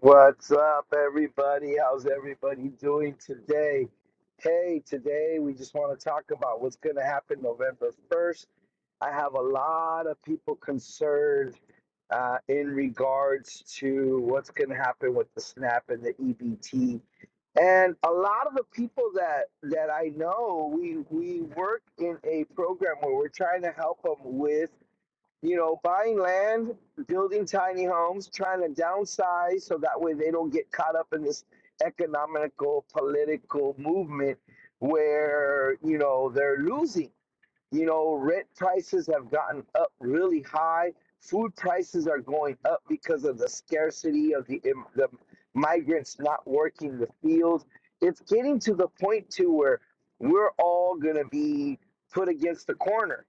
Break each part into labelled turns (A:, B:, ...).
A: What's up, everybody? How's everybody doing today? Hey, today we just want to talk about what's going to happen November 1st. I have a lot of people concerned uh, in regards to what's going to happen with the SNAP and the EBT. And a lot of the people that, that I know, we, we work in a program where we're trying to help them with you know, buying land, building tiny homes, trying to downsize so that way they don't get caught up in this economical, political movement where, you know, they're losing. You know, rent prices have gotten up really high. Food prices are going up because of the scarcity of the, im- the migrants not working the field. It's getting to the point to where we're all going to be put against the corner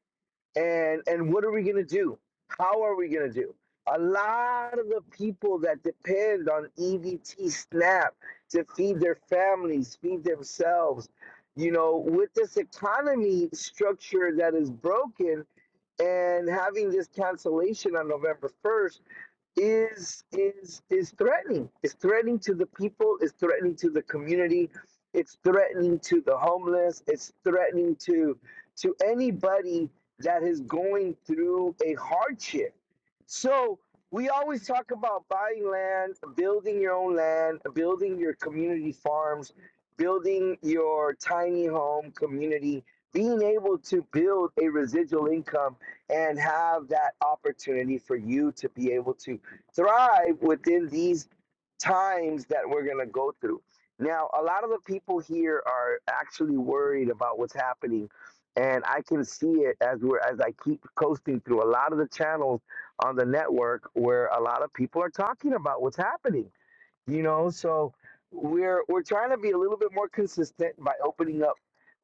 A: and and what are we going to do how are we going to do a lot of the people that depend on evt snap to feed their families feed themselves you know with this economy structure that is broken and having this cancellation on november 1st is is is threatening. It's threatening to the people. It's threatening to the community. It's threatening to the homeless. It's threatening to to anybody that is going through a hardship. So we always talk about buying land, building your own land, building your community farms, building your tiny home community, being able to build a residual income and have that opportunity for you to be able to thrive within these times that we're going to go through. Now, a lot of the people here are actually worried about what's happening, and I can see it as we're as I keep coasting through a lot of the channels on the network where a lot of people are talking about what's happening. You know, so we're we're trying to be a little bit more consistent by opening up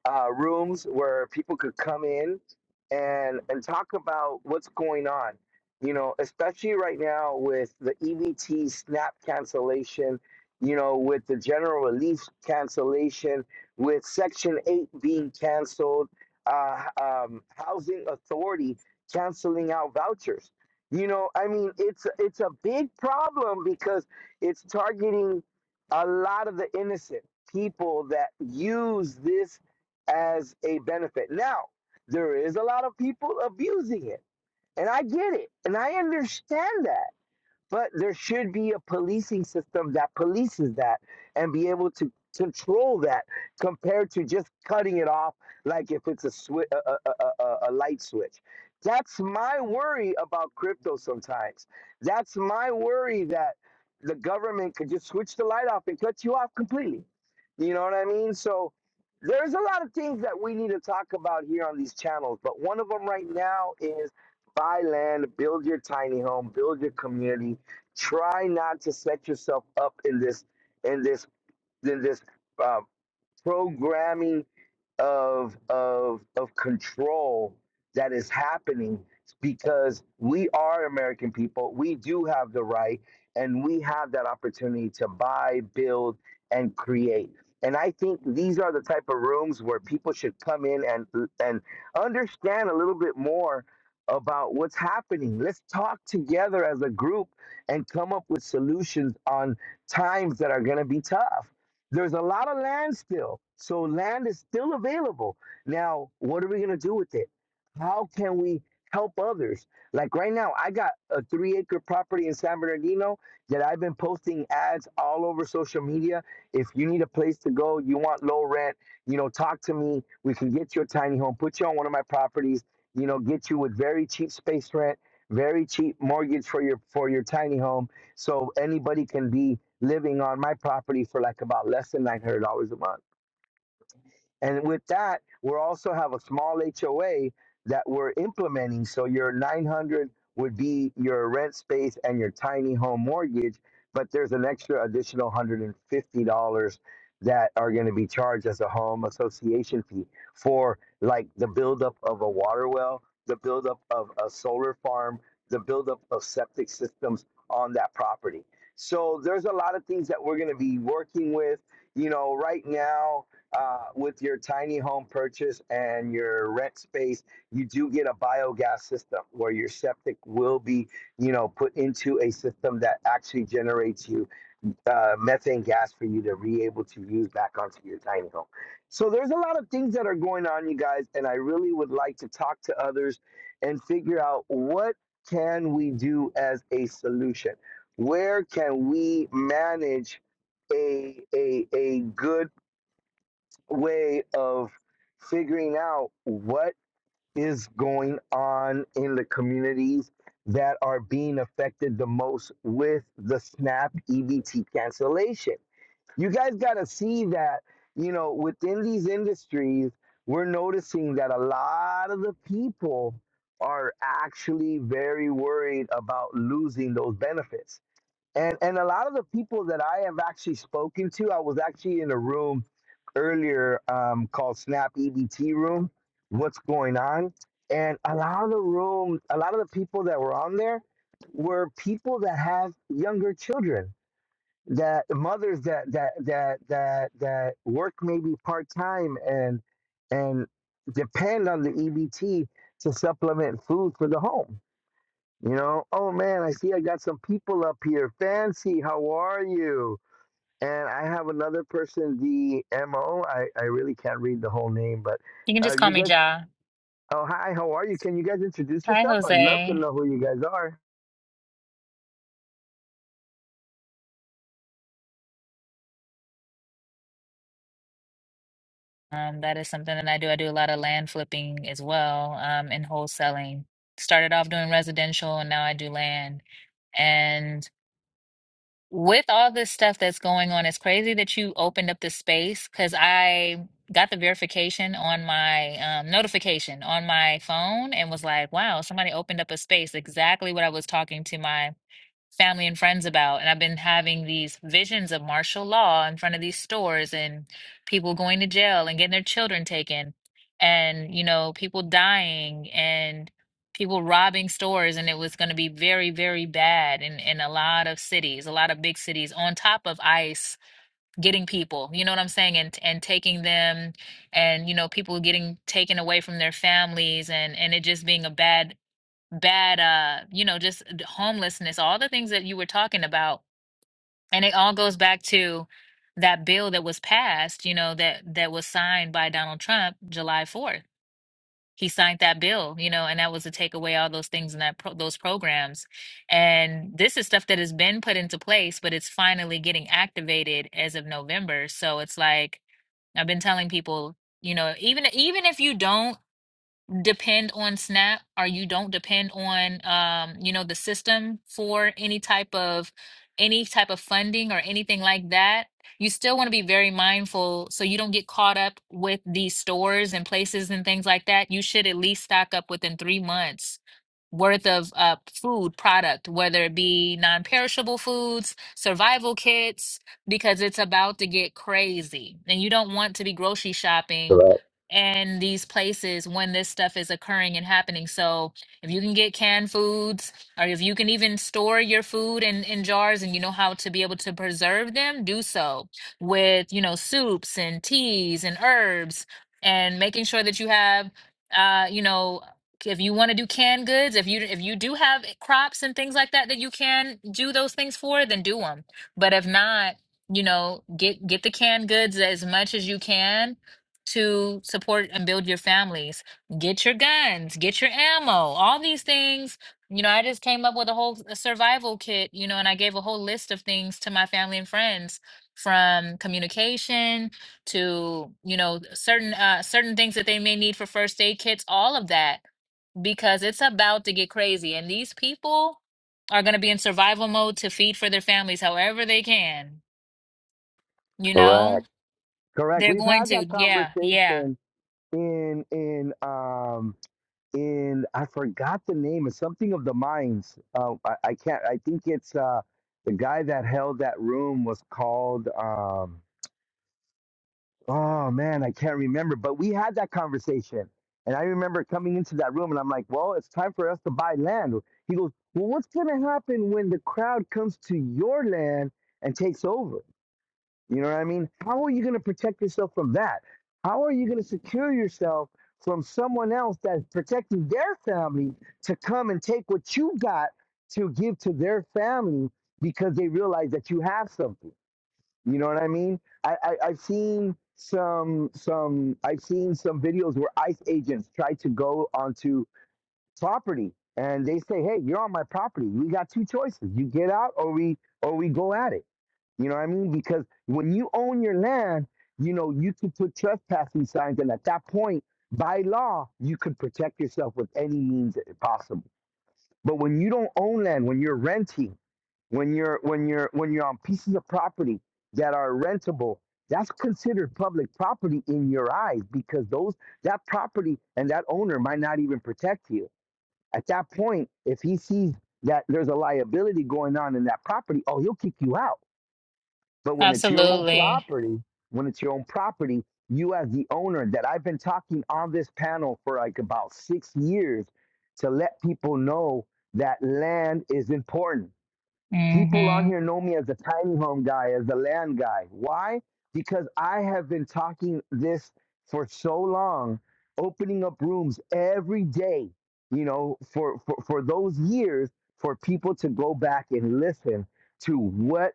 A: uh, rooms where people could come in and and talk about what's going on. You know, especially right now with the EBT snap cancellation, you know, with the general relief cancellation, with Section 8 being canceled, uh, um, Housing Authority canceling out vouchers. You know, I mean, it's it's a big problem because it's targeting a lot of the innocent people that use this as a benefit. Now, there is a lot of people abusing it, and I get it, and I understand that. But there should be a policing system that polices that and be able to control that compared to just cutting it off like if it's a, swi- a, a, a, a a light switch. That's my worry about crypto sometimes. That's my worry that the government could just switch the light off and cut you off completely. You know what I mean? So there's a lot of things that we need to talk about here on these channels, but one of them right now is buy land, build your tiny home, build your community, try not to set yourself up in this in this in this uh, programming of of of control that is happening because we are American people. We do have the right and we have that opportunity to buy, build, and create. And I think these are the type of rooms where people should come in and and understand a little bit more about what's happening. Let's talk together as a group and come up with solutions on times that are going to be tough there's a lot of land still. So land is still available. Now, what are we going to do with it? How can we help others? Like right now, I got a three acre property in San Bernardino that I've been posting ads all over social media. If you need a place to go, you want low rent, you know, talk to me. We can get you a tiny home, put you on one of my properties, you know, get you with very cheap space rent, very cheap mortgage for your for your tiny home so anybody can be living on my property for like about less than $900 a month. And with that, we also have a small HOA that we're implementing. So your 900 would be your rent space and your tiny home mortgage, but there's an extra additional $150 that are going to be charged as a home association fee for like the buildup of a water well, the buildup of a solar farm, the buildup of septic systems on that property. So there's a lot of things that we're going to be working with. You know, right now, uh, with your tiny home purchase and your rent space, you do get a biogas system where your septic will be, you know, put into a system that actually generates you uh, methane gas for you to be able to use back onto your tiny home. So there's a lot of things that are going on, you guys, and I really would like to talk to others and figure out what can we do as a solution. Where can we manage a a a good way of figuring out what is going on in the communities that are being affected the most with the SNAP EBT cancellation. You guys got to see that, you know, within these industries, we're noticing that a lot of the people are actually very worried about losing those benefits and and a lot of the people that I have actually spoken to, I was actually in a room earlier um, called Snap EBT Room. What's going on? And a lot of the room, a lot of the people that were on there were people that have younger children, that mothers that that that that that work maybe part time and and depend on the EBT to supplement food for the home you know, oh man, I see I got some people up here. Fancy, how are you? And I have another person, the MO. I, I really can't read the whole name, but
B: You can
A: uh,
B: just call
A: you
B: me
A: guys,
B: Ja.
A: oh, hi, how are you? Can you guys introduce
B: Hi,
A: yourself? I'd love to
B: Jose.
A: know who you guys are.
B: Um, that is something that I do. I do a lot of land flipping as well, um, and wholesaling. Started off doing residential and now I do land. And with all this stuff that's going on, it's crazy that you opened up this space because I got the verification on my um, notification on my phone and was like, wow, somebody opened up a space. Exactly what I was talking to my family and friends about. And I've been having these visions of martial law in front of these stores and people going to jail and getting their children taken and, you know, people dying and people robbing stores. And it was going to be very, very bad in, in a lot of cities, a lot of big cities, on top of ICE getting people, you know what I'm saying? And, and taking them and, you know, people getting taken away from their families and, and it just being a bad bad uh you know just d- homelessness all the things that you were talking about and it all goes back to that bill that was passed you know that that was signed by Donald Trump July 4th he signed that bill you know and that was to take away all those things and that pro- those programs and this is stuff that has been put into place but it's finally getting activated as of November so it's like I've been telling people you know even even if you don't depend on SNAP or you don't depend on um, you know, the system for any type of any type of funding or anything like that, you still want to be very mindful so you don't get caught up with these stores and places and things like that. You should at least stock up within three months worth of uh, food product, whether it be non-perishable foods, survival kits, because it's about to get crazy. And you don't want to be grocery shopping
A: Correct.
B: and these places when this stuff is occurring and happening. So if you can get canned foods or if you can even store your food in, in jars and you know how to be able to preserve them, do so with, you know, soups and teas and herbs and making sure that you have uh, you know, if you want to do canned goods, if you if you do have crops and things like that that you can do those things for, then do them. But if not, you know, get get the canned goods as much as you can to support and build your families. Get your guns, get your ammo, all these things. You know, I just came up with a whole s- survival kit, you know, and I gave a whole list of things to my family and friends from communication to, you know, certain uh certain things that they may need for first aid kits, all of that because it's about to get crazy and these people are going to be in survival mode to feed for their families however they can, you know?
A: Correct. Correct.
B: They're
A: We've
B: going
A: had
B: to.
A: that
B: Yeah, yeah.
A: conversation in, in, um, in, I forgot the name. It's something of the minds. Uh, I, I can't, I think it's uh, the guy that held that room was called. um. Oh man, I can't remember, but we had that conversation. And I remember coming into that room and I'm like, well, it's time for us to buy land. He goes, well, what's going to happen when the crowd comes to your land and takes over? You know what I mean? How are you going to protect yourself from that? How are you going to secure yourself from someone else that's protecting their family to come and take what you got to give to their family because they realize that you have something? You know what I mean? I, I I've seen some some I've seen some videos where ICE agents try to go onto property and they say, "Hey, you're on my property. We got two choices: you get out, or we or we go at it." You know what I mean? Because when you own your land, you know you could put trespassing signs, and at that point, by law, you could protect yourself with any means possible. But when you don't own land, when you're renting, when you're when you're when you're on pieces of property that are rentable, that's considered public property in your eyes because those that property and that owner might not even protect you. At that point, if he sees that there's a liability going on in that property, oh, he'll kick you out but when it's your own
B: Absolutely.
A: property, when it's your own property, you as the owner that I've been talking on this panel for like about six years to let people know that land is important People on
B: Mm-hmm.
A: here know me as the tiny home guy, as the land guy. Why? Because I have been talking this for so long, opening up rooms every day, you know, for, for, for those years, for people to go back and listen to what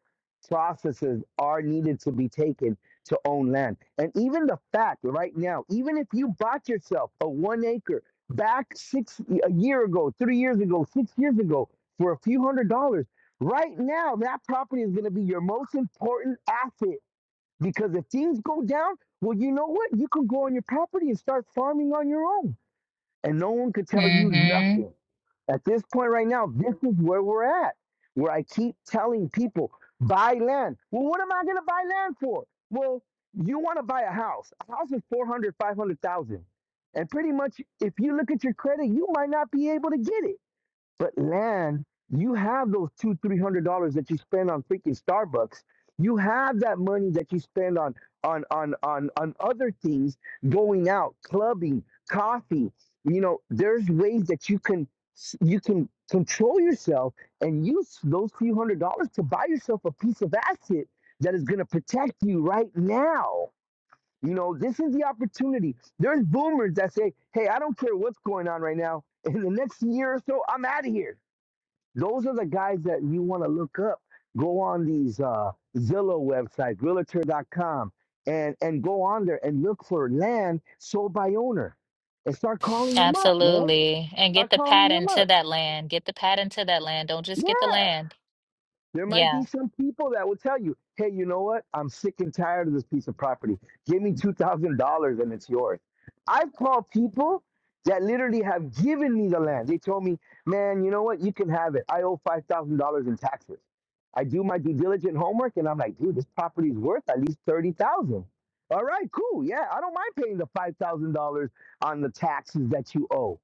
A: processes are needed to be taken to own land. And even the fact right now, even if you bought yourself a one acre back six, a year ago, three years ago, six years ago, for a few hundred dollars Right now, that property is going to be your most important asset because if things go down, well, you know what? You can go on your property and start farming on your own, and no one could tell you
B: Mm-hmm.
A: nothing. At this point, right now, this is where we're at, where I keep telling people buy land. Well, what am I going to buy land for? Well, you want to buy a house. A house is 400, 500,000, And pretty much, if you look at your credit, you might not be able to get it. But land, you have those two, three hundred dollars that you spend on freaking Starbucks. You have that money that you spend on on on on on other things, going out, clubbing, coffee. You know, there's ways that you can s- you can control yourself and use those few hundred dollars to buy yourself a piece of asset that is going to protect you right now. You know, this is the opportunity. There's boomers that say, "Hey, I don't care what's going on right now. In the next year or so, I'm out of here." Those are the guys that you want to look up. Go on these uh, Zillow websites, realtor.com, and, and go on there and look for land sold by owner and start calling them up, man.
B: Absolutely. And get
A: Start
B: the
A: calling them
B: patent to
A: up.
B: that land. Get the patent to that land. Don't just get the
A: Yeah.
B: land.
A: There might
B: Yeah.
A: be some people that will tell you, hey, you know what? I'm sick and tired of this piece of property. Give me $2,000 and it's yours. I've called people that literally have given me the land. They told me, man, you know what? You can have it. I owe $5,000 in taxes. I do my due diligent homework and I'm like, dude, this property is worth at least 30000 All right, cool. Yeah, I don't mind paying the $5,000 on the taxes that you owe.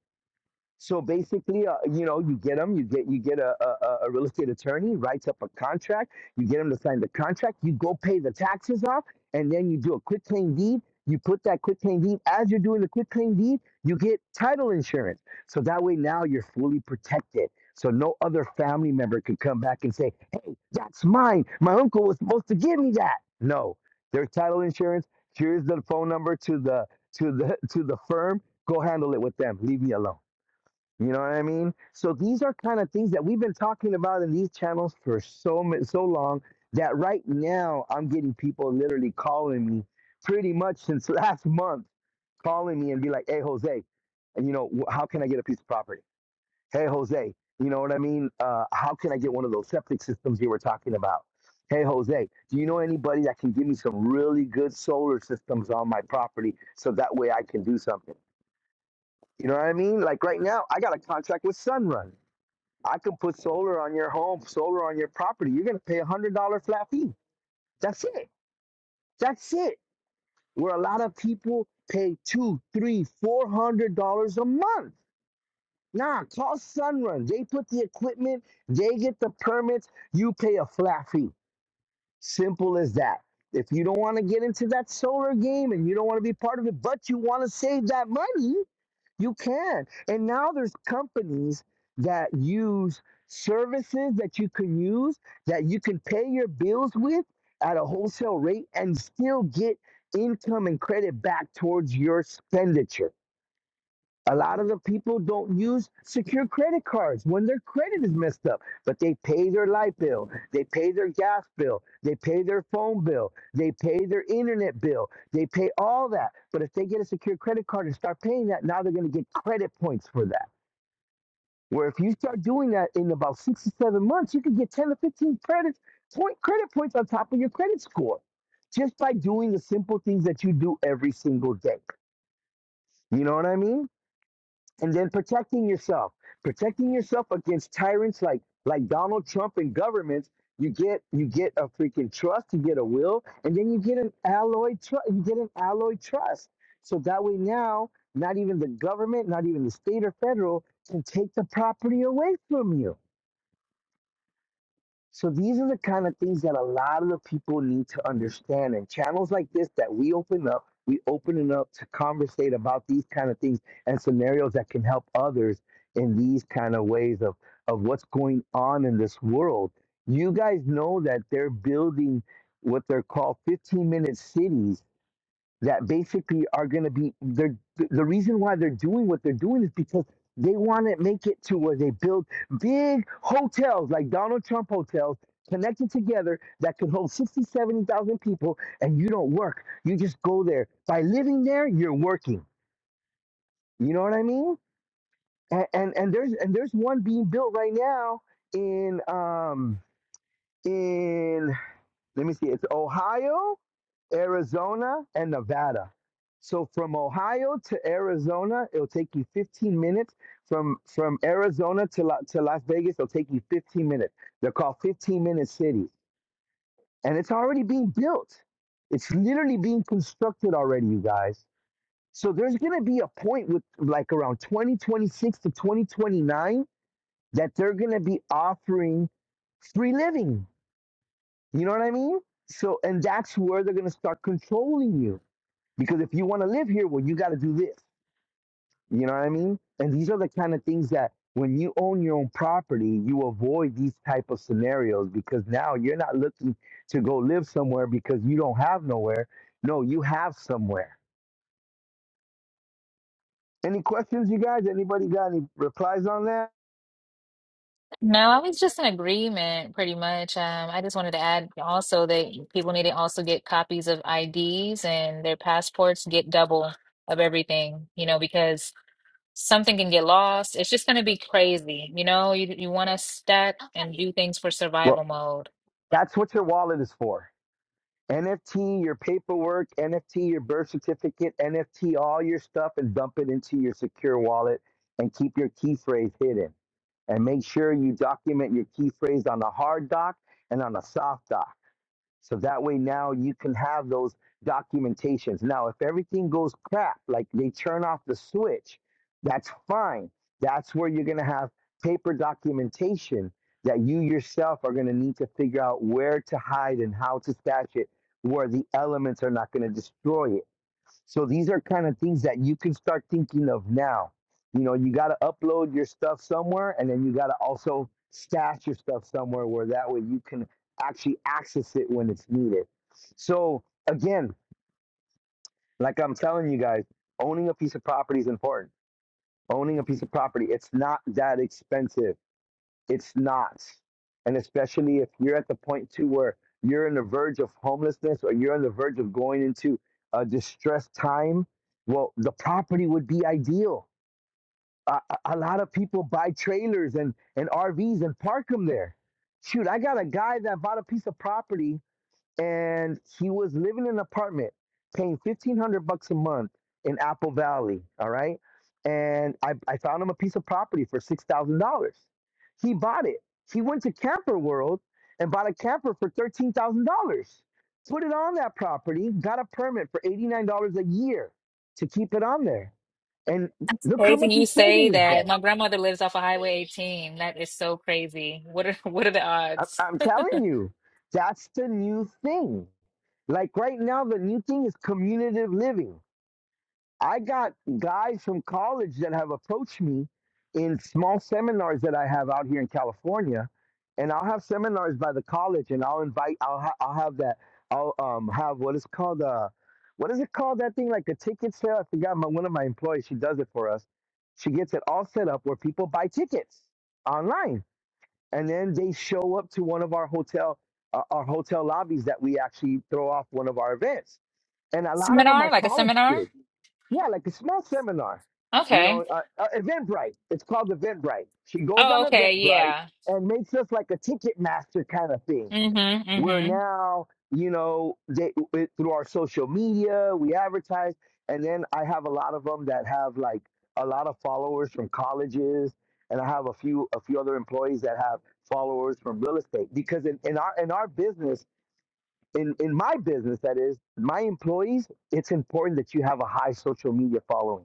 A: So basically, uh, you know, you get them, you get you get a, a a real estate attorney writes up a contract. You get them to sign the contract. You go pay the taxes off, and then you do a quit claim deed. You put that quit claim deed as you're doing the quit claim deed. You get title insurance, so that way now you're fully protected. So no other family member can come back and say, "Hey, that's mine. My uncle was supposed to give me that." No, there's title insurance. Here's the phone number to the to the to the firm. Go handle it with them. Leave me alone. You know what I mean? So these are kind of things that we've been talking about in these channels for so mi- so long that right now I'm getting people literally calling me pretty much since last month, calling me and be like, "Hey, Jose, and you know wh- how can I get a piece of property? Hey, Jose, you know what I mean? Uh, how can I get one of those septic systems you were talking about? Hey, Jose, do you know anybody that can give me some really good solar systems on my property so that way I can do something? You know what I mean? Like right now, I got a contract with Sunrun. I can put solar on your home, solar on your property. You're gonna pay a hundred dollar flat fee. That's it. That's it. Where a lot of people pay two, three, four hundred dollars a month. Nah, call Sunrun. They put the equipment, they get the permits, you pay a flat fee. Simple as that. If you don't want to get into that solar game and you don't want to be part of it, but you want to save that money, You can. And now there's companies that use services that you can use that you can pay your bills with at a wholesale rate and still get income and credit back towards your expenditure. A lot of the people don't use secure credit cards when their credit is messed up, but they pay their light bill, they pay their gas bill, they pay their phone bill, they pay their internet bill, they pay all that. But if they get a secure credit card and start paying that, now they're going to get credit points for that. Where if you start doing that in about six to seven months, you can get 10 to 15 credits, point, credit points on top of your credit score just by doing the simple things that you do every single day. You know what I mean? and then protecting yourself protecting yourself against tyrants like like donald trump and governments you get you get a freaking trust you get a will and then you get an alloyed trust you get an alloyed trust so that way now not even the government not even the state or federal can take the property away from you so these are the kind of things that a lot of the people need to understand. And channels like this that we open up, we open it up to conversate about these kind of things and scenarios that can help others in these kind of ways of, of what's going on in this world. You guys know that they're building what they're called 15 minute cities that basically are going to be they're the reason why they're doing what they're doing is because they want to make it to where they build big hotels like Donald Trump hotels connected together that can hold 60, 70,000 people and you don't work you just go there by living there you're working you know what i mean and and, and there's and there's one being built right now in um in let me see it's ohio Arizona, and Nevada. So from Ohio to Arizona, it'll take you 15 minutes. From from Arizona to La, to Las Vegas, it'll take you 15 minutes. They're called 15 minute cities, and it's already being built. It's literally being constructed already, you guys. So there's gonna be a point with like around 2026 to 2029 that they're gonna be offering free living. You know what I mean? So and that's where they're gonna start controlling you because if you want to live here, well, you got to do this. You know what I mean? And these are the kind of things that when you own your own property, you avoid these type of scenarios because now you're not looking to go live somewhere because you don't have nowhere. No, you have somewhere. Any questions, you guys? Anybody got any replies on that?
B: No, I was just in agreement pretty much. Um, I just wanted to add also that people need to also get copies of IDs and their passports, get double of everything, you know, because something can get lost. It's just going to be crazy. You know, you you want to stack and do things for
A: Well,
B: survival mode.
A: that's what your wallet is for. NFT your paperwork, NFT your birth certificate, NFT all your stuff and dump it into your secure wallet and keep your key phrase hidden and make sure you document your key phrase on the hard doc and on the soft doc. So that way now you can have those documentations. Now, if everything goes crap, like they turn off the switch, that's fine. That's where you're going to have paper documentation that you yourself are going to need to figure out where to hide and how to stash it where the elements are not going to destroy it. So these are kind of things that you can start thinking of now. You know, you got to upload your stuff somewhere, and then you got to also stash your stuff somewhere where that way you can actually access it when it's needed. So again, like I'm telling you guys, owning a piece of property is important. Owning a piece of property, it's not that expensive. It's not. And especially if you're at the point too where you're on the verge of homelessness or you're on the verge of going into a distressed time, well, the property would be ideal. A, a a lot of people buy trailers and, and RVs and park them there. Shoot, I got a guy that bought a piece of property and he was living in an apartment paying 1500 bucks a month in apple valley all right and i, I found him a piece of property for $6000 he bought it he went to camper world and bought a camper for $13000 put it on that property got a permit for $89 a year to keep it on there and
B: That's
A: look how
B: crazy
A: much
B: you
A: he's saving
B: say that.
A: himself
B: My grandmother lives off of Highway 18. That is so crazy. What are what are the
A: I'm,
B: odds?
A: I'm telling you that's the new thing like right now the new thing is community living I got guys from college that have approached me in small seminars that I have out here in California, and I'll have seminars by the college, and I'll invite. I'll ha- I'll have that. I'll um have what is called a what is it called that thing like a ticket sale? I forgot. My one of my employees she does it for us. She gets it all set up where people buy tickets online, and then they show up to one of our hotel uh, our hotel lobbies that we actually throw off one of our events, and a lot of them
B: Seminar?
A: are
B: Like a
A: college
B: seminar?
A: kids yeah, like a small seminar. You
B: Okay.
A: know, uh, uh, Eventbrite. It's called Eventbrite. She goes on
B: Oh, okay.
A: Eventbrite
B: Yeah.
A: and makes us like a ticket master kind of thing.
B: Mm-hmm.
A: Where
B: mm-hmm.
A: now, you know, they, it, through our social media, we advertise, and then I have a lot of them that have like a lot of followers from colleges, and I have a few a few other employees that have followers from real estate. Because in, in our in our business, in in my business, that is, my employees, it's important that you have a high social media following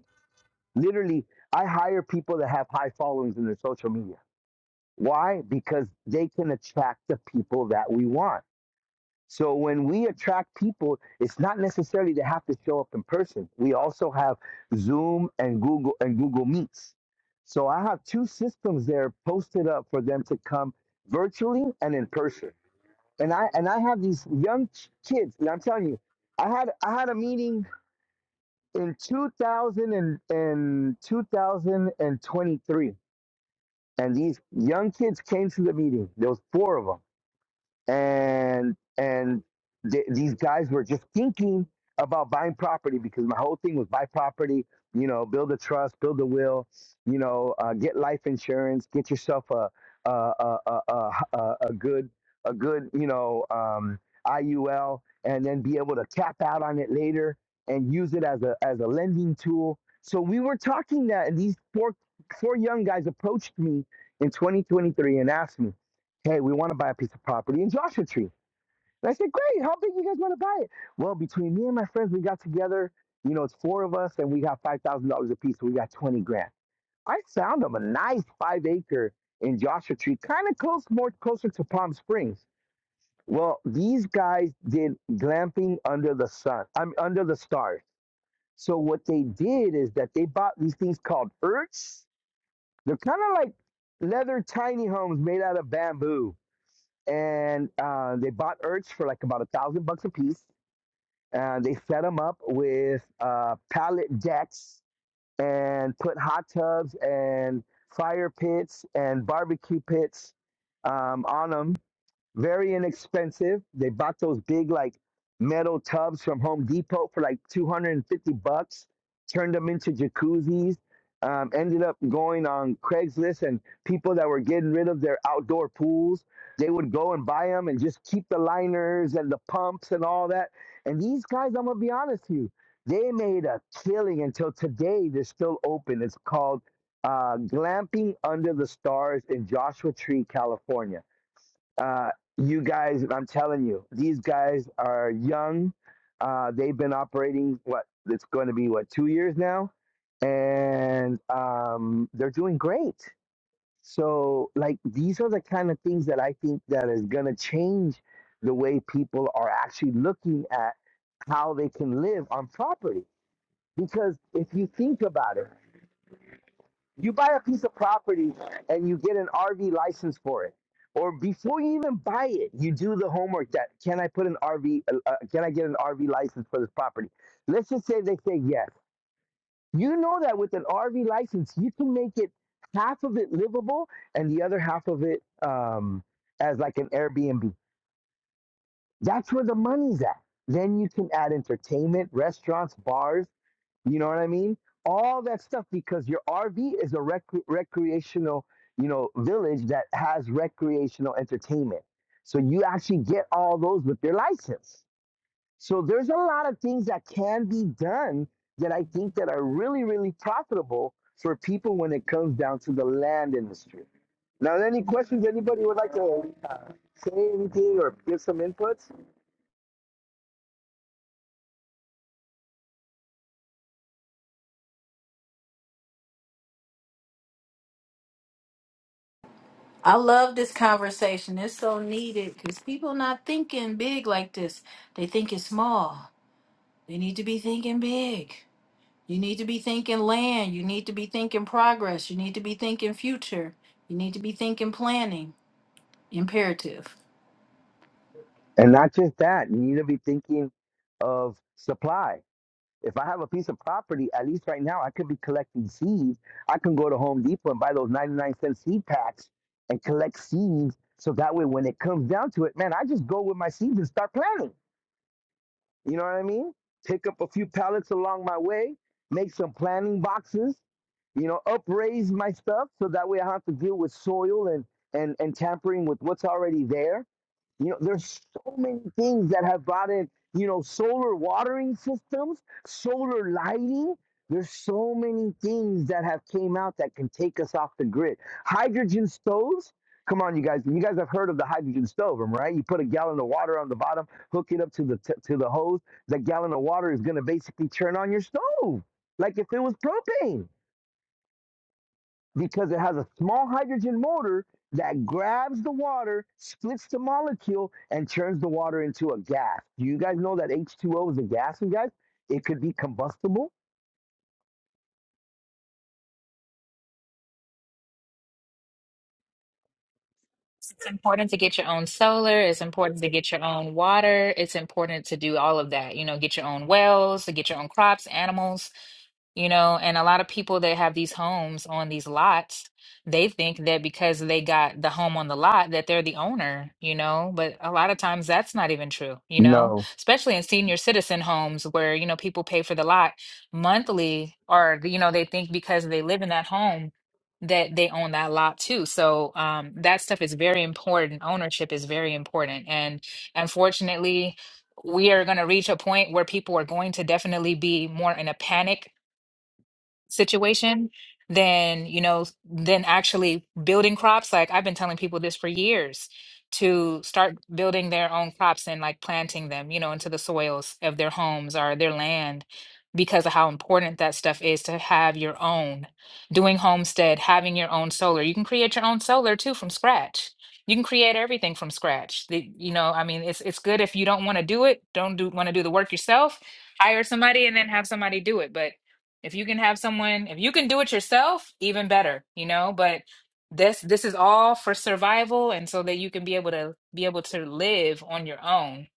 A: Literally, I hire people that have high followings in their social media. Why? Because they can attract the people that we want. So when we attract people, it's not necessarily to have to show up in person. We also have Zoom and Google and Google Meets. So I have two systems there posted up for them to come virtually and in person. And I and I have these young kids, and I'm telling you, I had I had a meeting in 2000 and, and 2023 and these young kids came to the meeting there was four of them and and th- these guys were just thinking about buying property because my whole thing was buy property you know build a trust build a will you know uh, get life insurance get yourself a a a a, a, a a good a good you know um, IUL and then be able to cap out on it later and use it as a as a lending tool so we were talking that and these four four young guys approached me in 2023 and asked me hey, we want to buy a piece of property in Joshua Tree. And I said, great, how big you guys want to buy it? Well, between me and my friends, we got together, you know, it's four of us and we got $5,000 a piece. So we got 20 grand. I found them a nice five acre in Joshua Tree, kind of close, more closer to Palm Springs. Well, these guys did glamping under the sun, I'm under the stars. So what they did is that they bought these things called urchs. They're kind of like leather tiny homes made out of bamboo and uh, they bought Ertz for like about a thousand bucks a piece. And they set them up with uh, pallet decks and put hot tubs and fire pits and barbecue pits um, on them very inexpensive. They bought those big like metal tubs from Home Depot for like 250 bucks, turned them into jacuzzis. Um, ended up going on Craigslist and people that were getting rid of their outdoor pools, they would go and buy them and just keep the liners and the pumps and all that. And these guys, I'm gonna be honest with you, they made a killing until today. They're still open. It's called uh, Glamping Under the Stars in Joshua Tree, California uh, you guys, I'm telling you, these guys are young. Uh, they've been operating what it's going to be what two years now, and um, they're doing great. So, like, these are the kind of things that I think that is going to change the way people are actually looking at how they can live on property. Because if you think about it, you buy a piece of property and you get an RV license for it. Or before you even buy it, you do the homework that can I put an RV, uh, uh, can I get an RV license for this property? Let's just say they say yes. You know that with an RV license, you can make it half of it livable and the other half of it um, as like an Airbnb. That's where the money's at. Then you can add entertainment, restaurants, bars. You know what I mean? All that stuff because your RV is a rec- recreational, you know, village that has recreational entertainment. So you actually get all those with your license. So there's a lot of things that can be done that I think that are really, really profitable for people when it comes down to the land industry. Now, any questions anybody would like to uh, say anything or give some inputs?
C: I love this conversation. It's so needed because people not thinking big like this. They think it's small. They need to be thinking big. You need to be thinking land. You need to be thinking progress. You need to be thinking future. You need to be thinking planning. Imperative.
A: And not just that, you need to be thinking of supply If I have a piece of property, at least right now, I could be collecting seeds. I can go to Home Depot and buy those 99 cent seed packs and collect seeds. So that way, when it comes down to it, man, I just go with my seeds and start planting. You know what I mean? Pick up a few pallets along my way, make some planting boxes, you know, upraise my stuff so that way I don't have to deal with soil and and and tampering with what's already there. You know, there's so many things that have brought in, you know, solar watering systems, solar lighting. There's so many things that have came out that can take us off the grid. Hydrogen stoves. Come on, you guys. You guys have heard of the hydrogen stove, um, right? You put a gallon of water on the bottom, hook it up to the t- to the hose. That gallon of water is going to basically turn on your stove, like if it was propane because it has a small hydrogen motor that grabs the water, splits the molecule, and turns the water into a gas. Do you guys know that H2O is a gas, you guys? It could be combustible?
B: It's important to get your own solar. It's important to get your own water. It's important to do all of that. You know, get your own wells, to get your own crops, animals, you know. And a lot of people that have these homes on these lots, they think that because they got the home on the lot that they're the owner, you know. But a lot of times that's not even true, you know,
A: No.
B: especially in senior citizen homes where, you know, people pay for the lot monthly or, you know, they think because they live in that home that they own that lot too. So um, that stuff is very important. Ownership is very important. And unfortunately, we are going to reach a point where people are going to definitely be more in a panic situation than you know than actually building crops like i've been telling people this for years to start building their own crops and like planting them you know into the soils of their homes or their land because of how important that stuff is to have your own doing homestead having your own solar you can create your own solar too from scratch you can create everything from scratch the, you know i mean it's it's good if you don't want to do it don't do want to do the work yourself hire somebody and then have somebody do it but if you can have someone if you can do it yourself even better you know but this this is all for survival and so that you can be able to be able to live on your own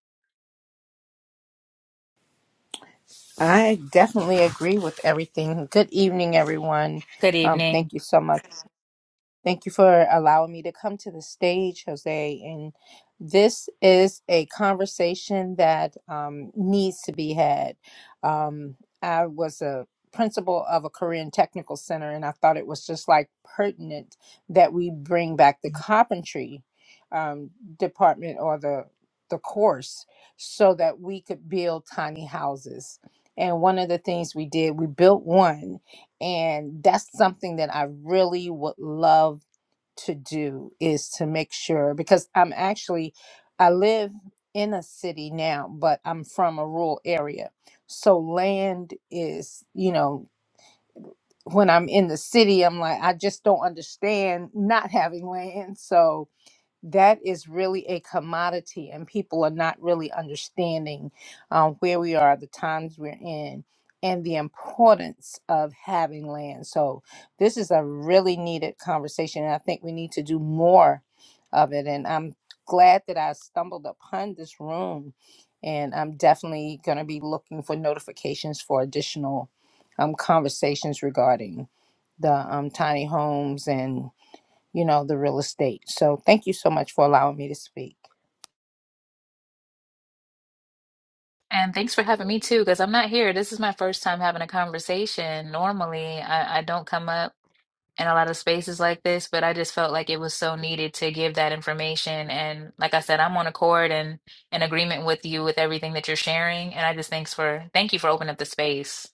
D: I definitely agree with everything. Good evening, everyone.
B: good
D: Um,
B: evening
D: thank you so much. Thank you for allowing me to come to the stage, Jose. And this is a conversation that um, needs to be had. Um, I was a principal of a Korean technical center, and I thought it was just like pertinent that we bring back the carpentry um, department or the the course so that we could build tiny houses. And one of the things we did, we built one and that's something that I really would love to do is to make sure because I'm actually I live in a city now, but I'm from a rural area. So land is, you know, when I'm in the city, I'm like I just don't understand not having land. So that is really a commodity, and people are not really understanding um, where we are, the times we're in, and the importance of having land. So, this is a really needed conversation, and I think we need to do more of it. And I'm glad that I stumbled upon this room, and I'm definitely going to be looking for notifications for additional um, conversations regarding the um, tiny homes and you know, the real estate. So thank you so much for allowing me to speak.
B: and thanks for having me too because i'm not here this is my first time having a conversation normally I, I don't come up in a lot of spaces like this but i just felt like it was so needed to give that information and like i said i'm on accord and in agreement with you with everything that you're sharing and i just thanks for thank you for opening up the space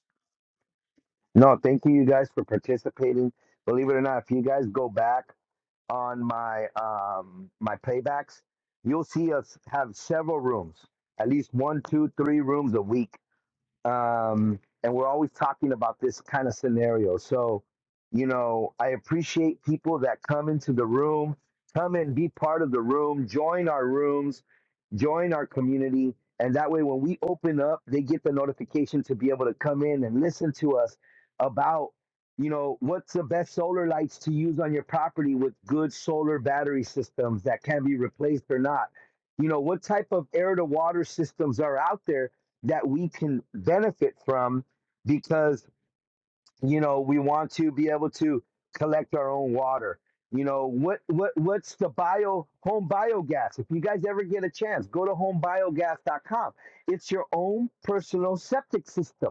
A: No, thank you, you guys, for participating. Believe it or not, if you guys go back on my um, my playbacks, you'll see us have several rooms, at least one, two, three rooms a week um, and we're always talking about this kind of scenario. So, you know, I appreciate people that come into the room, come and be part of the room, join our rooms, join our community, and that way when we open up, they get the notification to be able to come in and listen to us about, you know, what's the best solar lights to use on your property with good solar battery systems that can be replaced or not. You know, what type of air to water systems are out there that we can benefit from because you know we want to be able to collect our own water you know what what what's the bio home biogas if you guys ever get a chance go to homebiogas.com it's your own personal septic system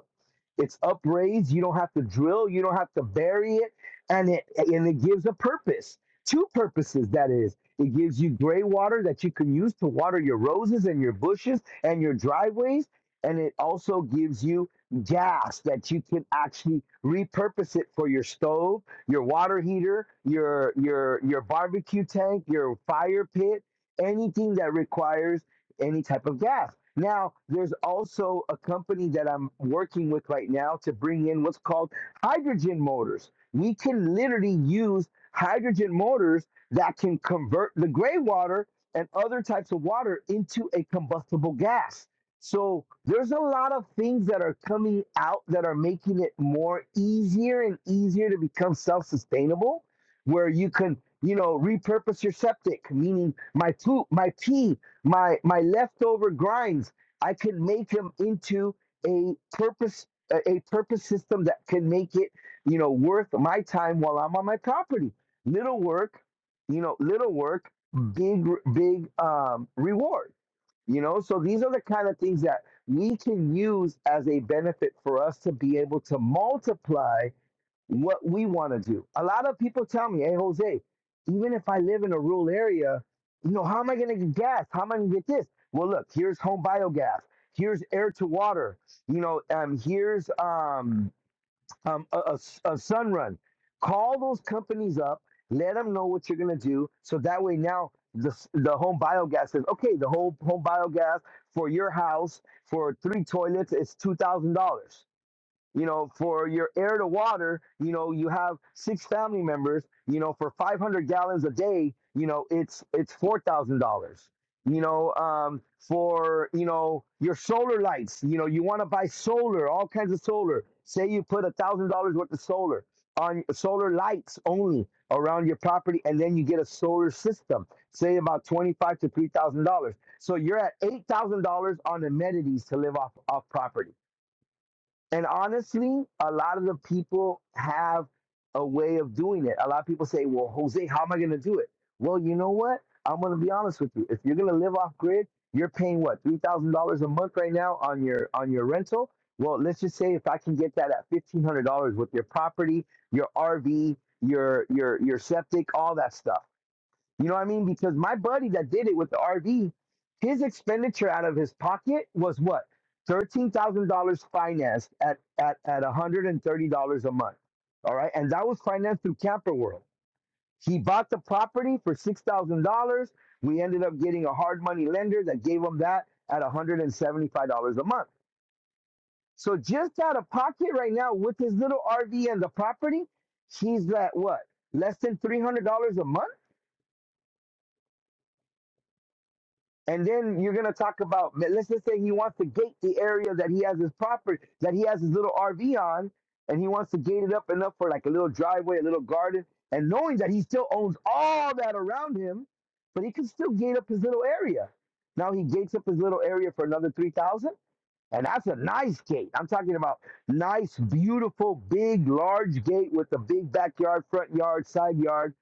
A: it's upraised you don't have to drill you don't have to bury it and it and it gives a purpose two purposes that is it gives you gray water that you can use to water your roses and your bushes and your driveways and it also gives you gas that you can actually repurpose it for your stove, your water heater, your your your barbecue tank, your fire pit, anything that requires any type of gas. Now, there's also a company that I'm working with right now to bring in what's called hydrogen motors. We can literally use hydrogen motors that can convert the gray water and other types of water into a combustible gas so there's a lot of things that are coming out that are making it more easier and easier to become self-sustainable, where you can, you know, repurpose your septic, meaning my poop, my pee, my my leftover grinds, I can make them into a purpose a purpose system that can make it, you know, worth my time while I'm on my property. Little work, you know, little work, big big um reward you know, so these are the kind of things that we can use as a benefit for us to be able to multiply what we want to do. A lot of people tell me, hey, Jose, even if I live in a rural area, you know, how am I going to get gas? How am I going to get this? Well, look, here's home biogas. Here's air to water. You know, um, here's um, um, a, a s- a sun run. Call those companies up, let them know what you're gonna do, so that way now the the home biogas says, okay, the whole home biogas for your house for three toilets is two thousand dollars you know, for your air to water, you know, you have six family members, you know, for 500 gallons a day, you know, it's it's four thousand dollars. You know, um, for you know your solar lights, you know, you want to buy solar, all kinds of solar. Say you put a thousand dollars worth of solar on solar lights only around your property, and then you get a solar system. Say about twenty-five to three thousand dollars. So you're at eight thousand dollars on amenities to live off off property and honestly, a lot of the people have a way of doing it. A lot of people say, well, Jose, how am I going to do it? Well, you know what? I'm going to be honest with you. If you're going to live off grid, you're paying what $3,000 a month right now on your on your rental. Well, let's just say if I can get that at $1,500 with your property, your RV, your your your septic, all that stuff. You know what I mean? Because my buddy that did it with the RV, his expenditure out of his pocket was what? Thirteen thousand dollars financed at at at one hundred and thirty dollars a month. All right, and that was financed through Camper World. He bought the property for six thousand dollars. We ended up getting a hard money lender that gave him that at one hundred and seventy five dollars a month. So just out of pocket right now with his little RV and the property, he's at what? Less than three hundred dollars a month And then you're gonna talk about let's just say he wants to gate the area that he has his property that he has his little RV on, and he wants to gate it up enough for like a little driveway, a little garden, and knowing that he still owns all that around him, but he can still gate up his little area. Now he gates up his little area for another three thousand, and that's a nice gate. I'm talking about nice, beautiful, big, large gate with a big backyard, front yard, side yard,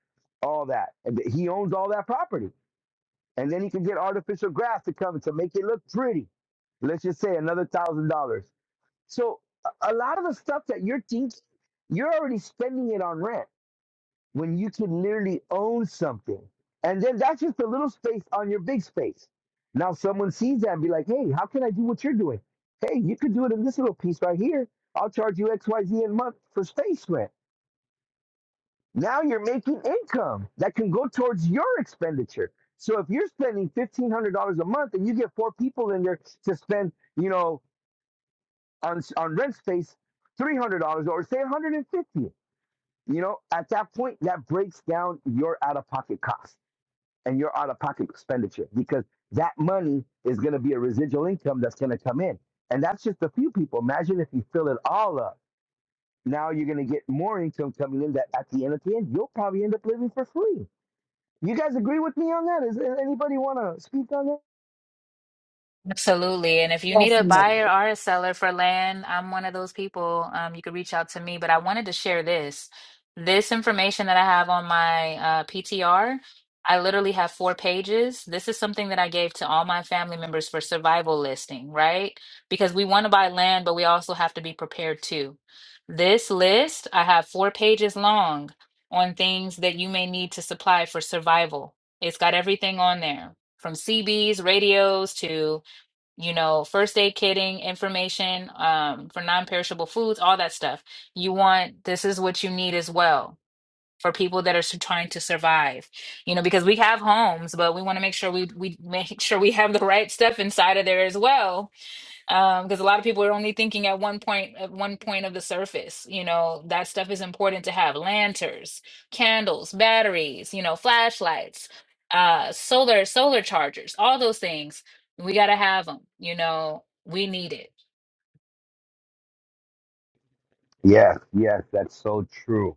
A: all that, and he owns all that property and then he can get artificial grass to come to make it look pretty. Let's just say another thousand dollars. So a a lot of the stuff that you're thinking, you're already spending it on rent when you can literally own something. And then that's just a little space on your big space. Now someone sees that and be like, hey, how can I do what you're doing? Hey, you could do it in this little piece right here. I'll charge you X, Y, Z a month for space rent now you're making income that can go towards your expenditure. So if you're spending fifteen hundred dollars a month and you get four people in there to spend, you know, on on rent space, three hundred dollars or say one hundred and fifty, dollars, you know, at that point that breaks down your out of pocket cost and your out of pocket expenditure because that money is going to be a residual income that's going to come in, and that's just a few people. Imagine if you fill it all up. Now you're going to get more income coming in that at the end of the end you'll probably end up living for free You guys agree with me on that? Is a- anybody want to speak on that?
B: Absolutely. And if you need a buyer
C: Definitely.
B: or a seller for land, I'm one of those people. Um, you could reach out to me, but I wanted to share this. This information that I have on my uh, PTR, I literally have four pages. This is something that I gave to all my family members for survival listing, right? Because we want to buy land, but we also have to be prepared too. This list, I have four pages long on things that you may need to supply for survival. It's got everything on there from CBs, radios to you know, first aid kitting information um, for non-perishable foods, all that stuff. You want this is what you need as well for people that are s- trying to survive. You know, because we have homes, but we want to make sure we we make sure we have the right stuff inside of there as well um because a lot of people are only thinking at one point at one point of the surface you know that stuff is important to have lanterns candles batteries you know flashlights uh solar solar chargers all those things we got to have them you know we need it
A: Yes, yes, that's so true.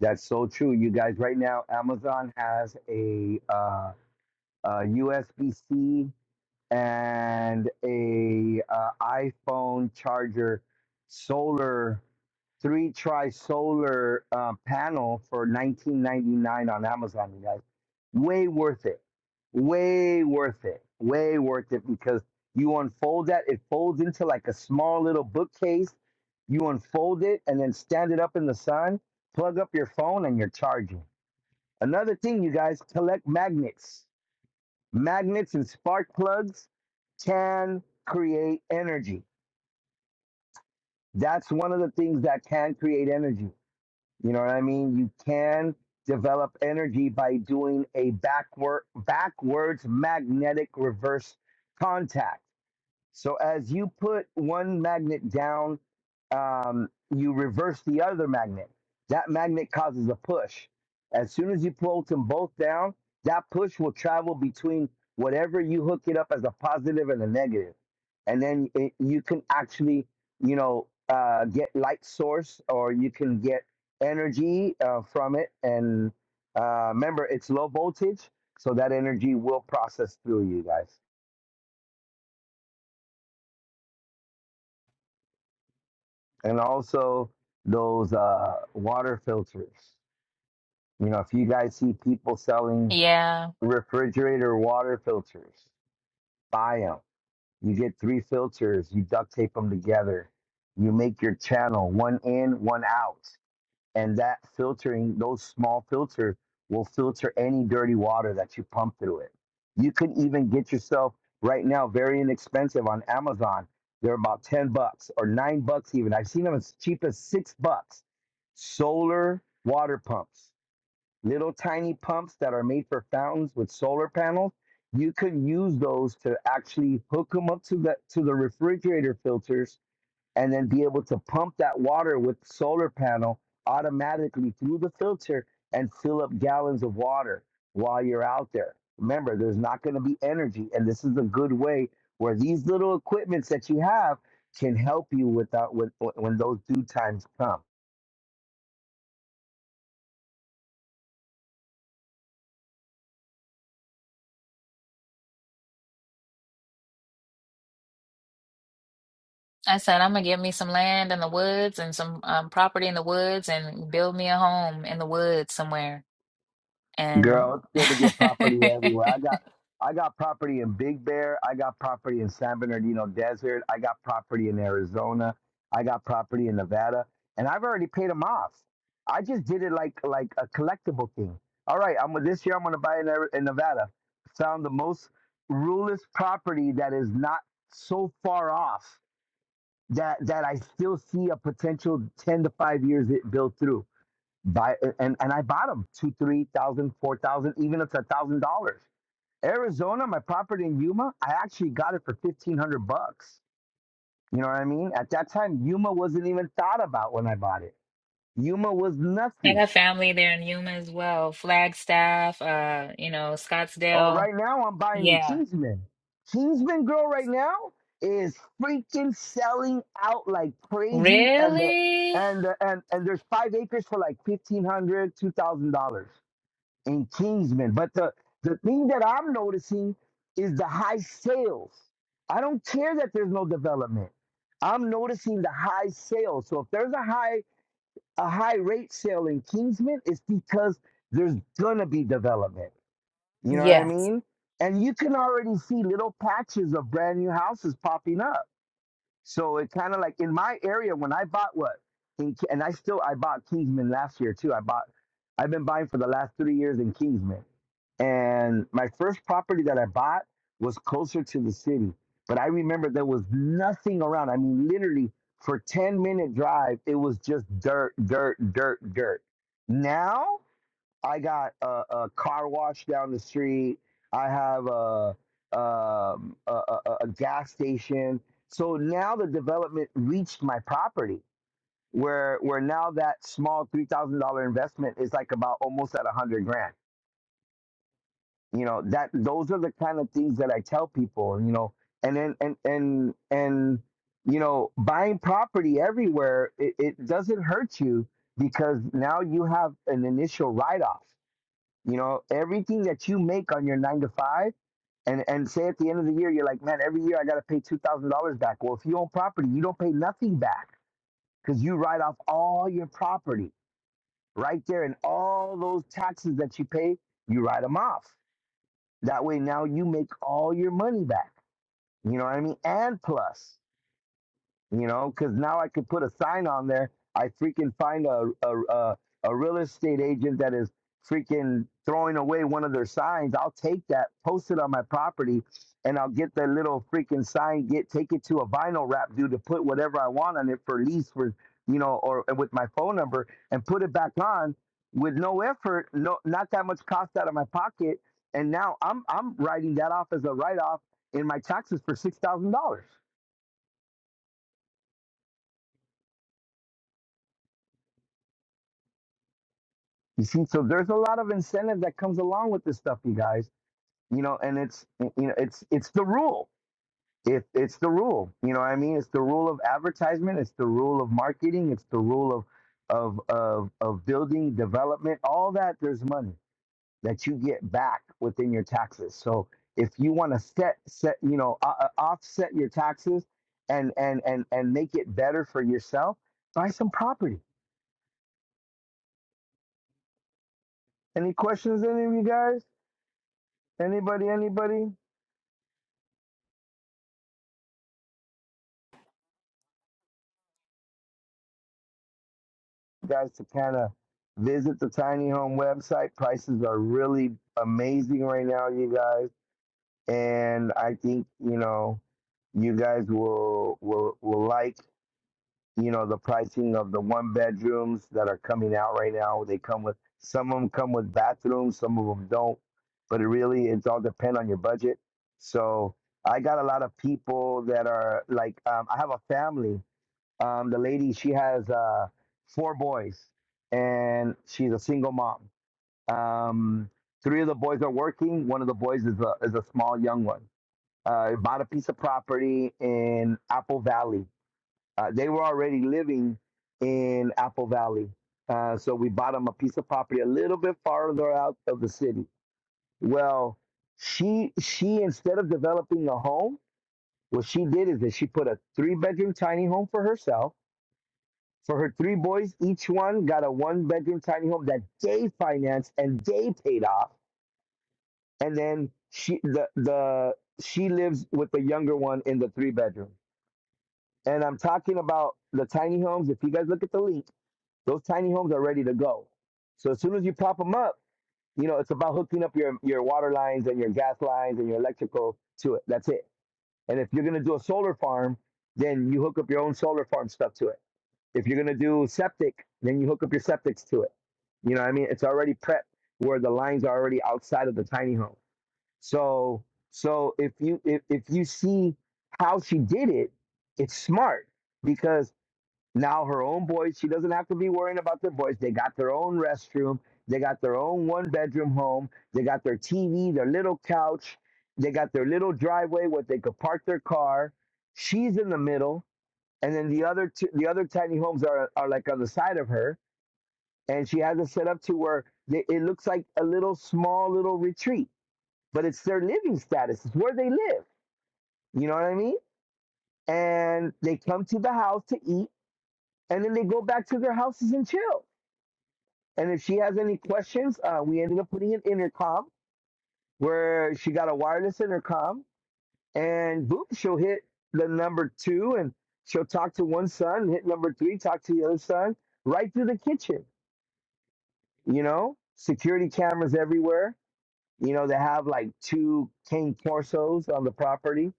A: That's so true. You guys, right now, Amazon has a uh, uh, USB-C. and a uh, iPhone charger solar three tri solar uh, panel for 19.99 on Amazon you guys way worth it way worth it way worth it because you unfold that it folds into like a small little bookcase you unfold it and then stand it up in the sun plug up your phone and you're charging another thing you guys collect magnets Magnets and spark plugs can create energy. That's one of the things that can create energy. You know what I mean? You can develop energy by doing a backward backwards magnetic reverse contact. So as you put one magnet down, um, you reverse the other magnet. That magnet causes a push. As soon as you pull them both down, that push will travel between whatever you hook it up as a positive and a negative. And then it, you can actually, you know, uh, get light source or you can get energy uh, from it. And uh, remember, it's low voltage, so that energy will process through you guys. and also those uh, water filters. You know, if you guys see people selling
B: yeah
A: refrigerator water filters, buy them. You get three filters, you duct tape them together, you make your channel one in, one out and that filtering those small filter will filter any dirty water that you pump through it you can even get yourself right now very inexpensive on amazon they're about 10 bucks or 9 bucks even i've seen them as cheap as 6 bucks solar water pumps little tiny pumps that are made for fountains with solar panels you could use those to actually hook them up to the to the refrigerator filters and then be able to pump that water with solar panel automatically through the filter and fill up gallons of water while you're out there. Remember, there's not going to be energy, and this is a good way where these little equipments that you have can help you without when, when those due times come.
B: i said i'm gonna get me some land in the woods and some um, property in the woods and build me a home in the woods somewhere
A: Girl,
B: and
A: it's good to get property everywhere. I got I got property in Big Bear. I got property in San Bernardino Desert. I got property in Arizona. I got property in Nevada. And I've already paid them off. I just did it like like a collectible thing. All right, I'm this year I'm gonna buy in, Ari- in Nevada. Found the most ruleless property that is not so far off that that I still see a potential ten to five years it built through. Buy and and I bought them two, three thousand, four thousand, even up to a thousand dollars. Arizona, my property in Yuma, I actually got it for fifteen hundred bucks. You know what I mean? At that time, Yuma wasn't even thought about when I bought it. Yuma was
B: I
A: nothing.
B: got family there in Yuma as well. Flagstaff, uh, you know,
A: Oh,
B: Scottsdale.
A: right now I'm buying in
B: Yeah.
A: Kingsman. Kingsman girl right now is freaking selling out like crazy, and the
B: Really?
A: and the, and and there's five acres for like fifteen hundred, two thousand dollars. and Kingsman. But the, the thing that I'm noticing is the high sales. I don't care that there's no development. I'm noticing the high sales. So if there's a high a high rate sale in Kingsman, it's because there's gonna be development. You know what I
D: Yes.
A: mean? And you can already see little patches of brand new houses popping up. So it kind of like in my area when I bought what, in, Ki- and I still I bought Kingsman last year too. I bought, I've been buying for the last three years in Kingsman, and my first property that I bought was closer to the city. But I remember there was nothing around. I mean, literally for ten minute drive, it was just dirt, dirt, dirt, dirt. Now I got a, a car wash down the street. I have a, um, a, a, a gas station. So now the development reached my property, where where now that small three thousand dollar investment is like about almost at a hundred grand. You know that those are the kind of things that I tell people. You know, and then and and and you know, buying property everywhere it, it doesn't hurt you because now you have an initial write off you know, everything that you make on your nine to five, and and say at the end of the year, you're like, man, every year I got to pay two thousand dollars back. Well, if you own property, you don't pay nothing back because you write off all your property right there, and all those taxes that you pay, you write them off. That way, now you make all your money back. You know what I mean? And plus. you know, because now I could put a sign on there. I freaking find a a, a a real estate agent that is freaking throwing away one of their signs. I'll take that, post it on my property, and I'll get that little freaking sign, get take it to a vinyl wrap dude to put whatever I want on it for lease for you know, or and with my phone number and put it back on with no effort, no not that much cost out of my pocket. And now I'm I'm writing that off as a write off in my taxes for six thousand dollars. You see, so there's a lot of incentive that comes along with this stuff, you guys. You know, and it's you know, it's it's the rule. It, it's the rule. You know what I mean? It's the rule of advertisement. It's the rule of marketing. It's the rule of of of of building development. All that there's money that you get back within your taxes. So if you want to set set you know uh, uh, offset your taxes and and and and make it better for yourself, buy some property. Any questions, any of you guys? Anybody? Anybody? guys to kind of visit the tiny home website. Prices are really amazing right now, you guys. And I think, you know, you guys will will will like, you know, the pricing of the one bedrooms that are coming out right now. They come with some of them come with bathrooms, some of them don't. But it really it's all depend on your budget. So I got a lot of people that are like um, I have a family um, the lady, she has uh, four boys, and she's a single mom. Um, three of the boys are working. One of the boys is a is a small young one. Uh, bought a piece of property in Apple Valley. Uh, they were already living in Apple Valley, uh, so we bought them a piece of property a little bit farther out of the city. Well, she she instead of developing a home, what she did is that she put a three bedroom tiny home for herself for her three boys, each one got a one bedroom tiny home that they financed and they paid off. And then she the the she lives with the younger one in the three bedroom. And I'm talking about the tiny homes. If you guys look at the link, those tiny homes are ready to go. So as soon as you pop them up, you know it's about hooking up your your water lines and your gas lines and your electrical to it. That's it. And if you're gonna do a solar farm, then you hook up your own solar farm stuff to it If you're gonna do septic, then you hook up your septics to it. You know what I mean? It's already prepped where the lines are already outside of the tiny home. So so if you if, if you see how she did it, it's smart because now her own boys, she doesn't have to be worrying about their boys. They got their own restroom, they got their own one bedroom home, they got their TV, their little couch, they got their little driveway where they could park their car. She's in the middle and then the other two, the other tiny homes are are like on the side of her, and she has it set up to where they, it looks like a little small little retreat, but it's their living status. It's where they live. You know what I mean? And they come to the house to eat, and then they go back to their houses and chill. And if she has any questions, uh, we ended up putting an intercom where she got a wireless intercom, and boop, she'll hit the number two, and she'll talk to one son, hit number three, talk to the other son, right through the kitchen you know, security cameras everywhere. You know, they have like two cane torsos on the property.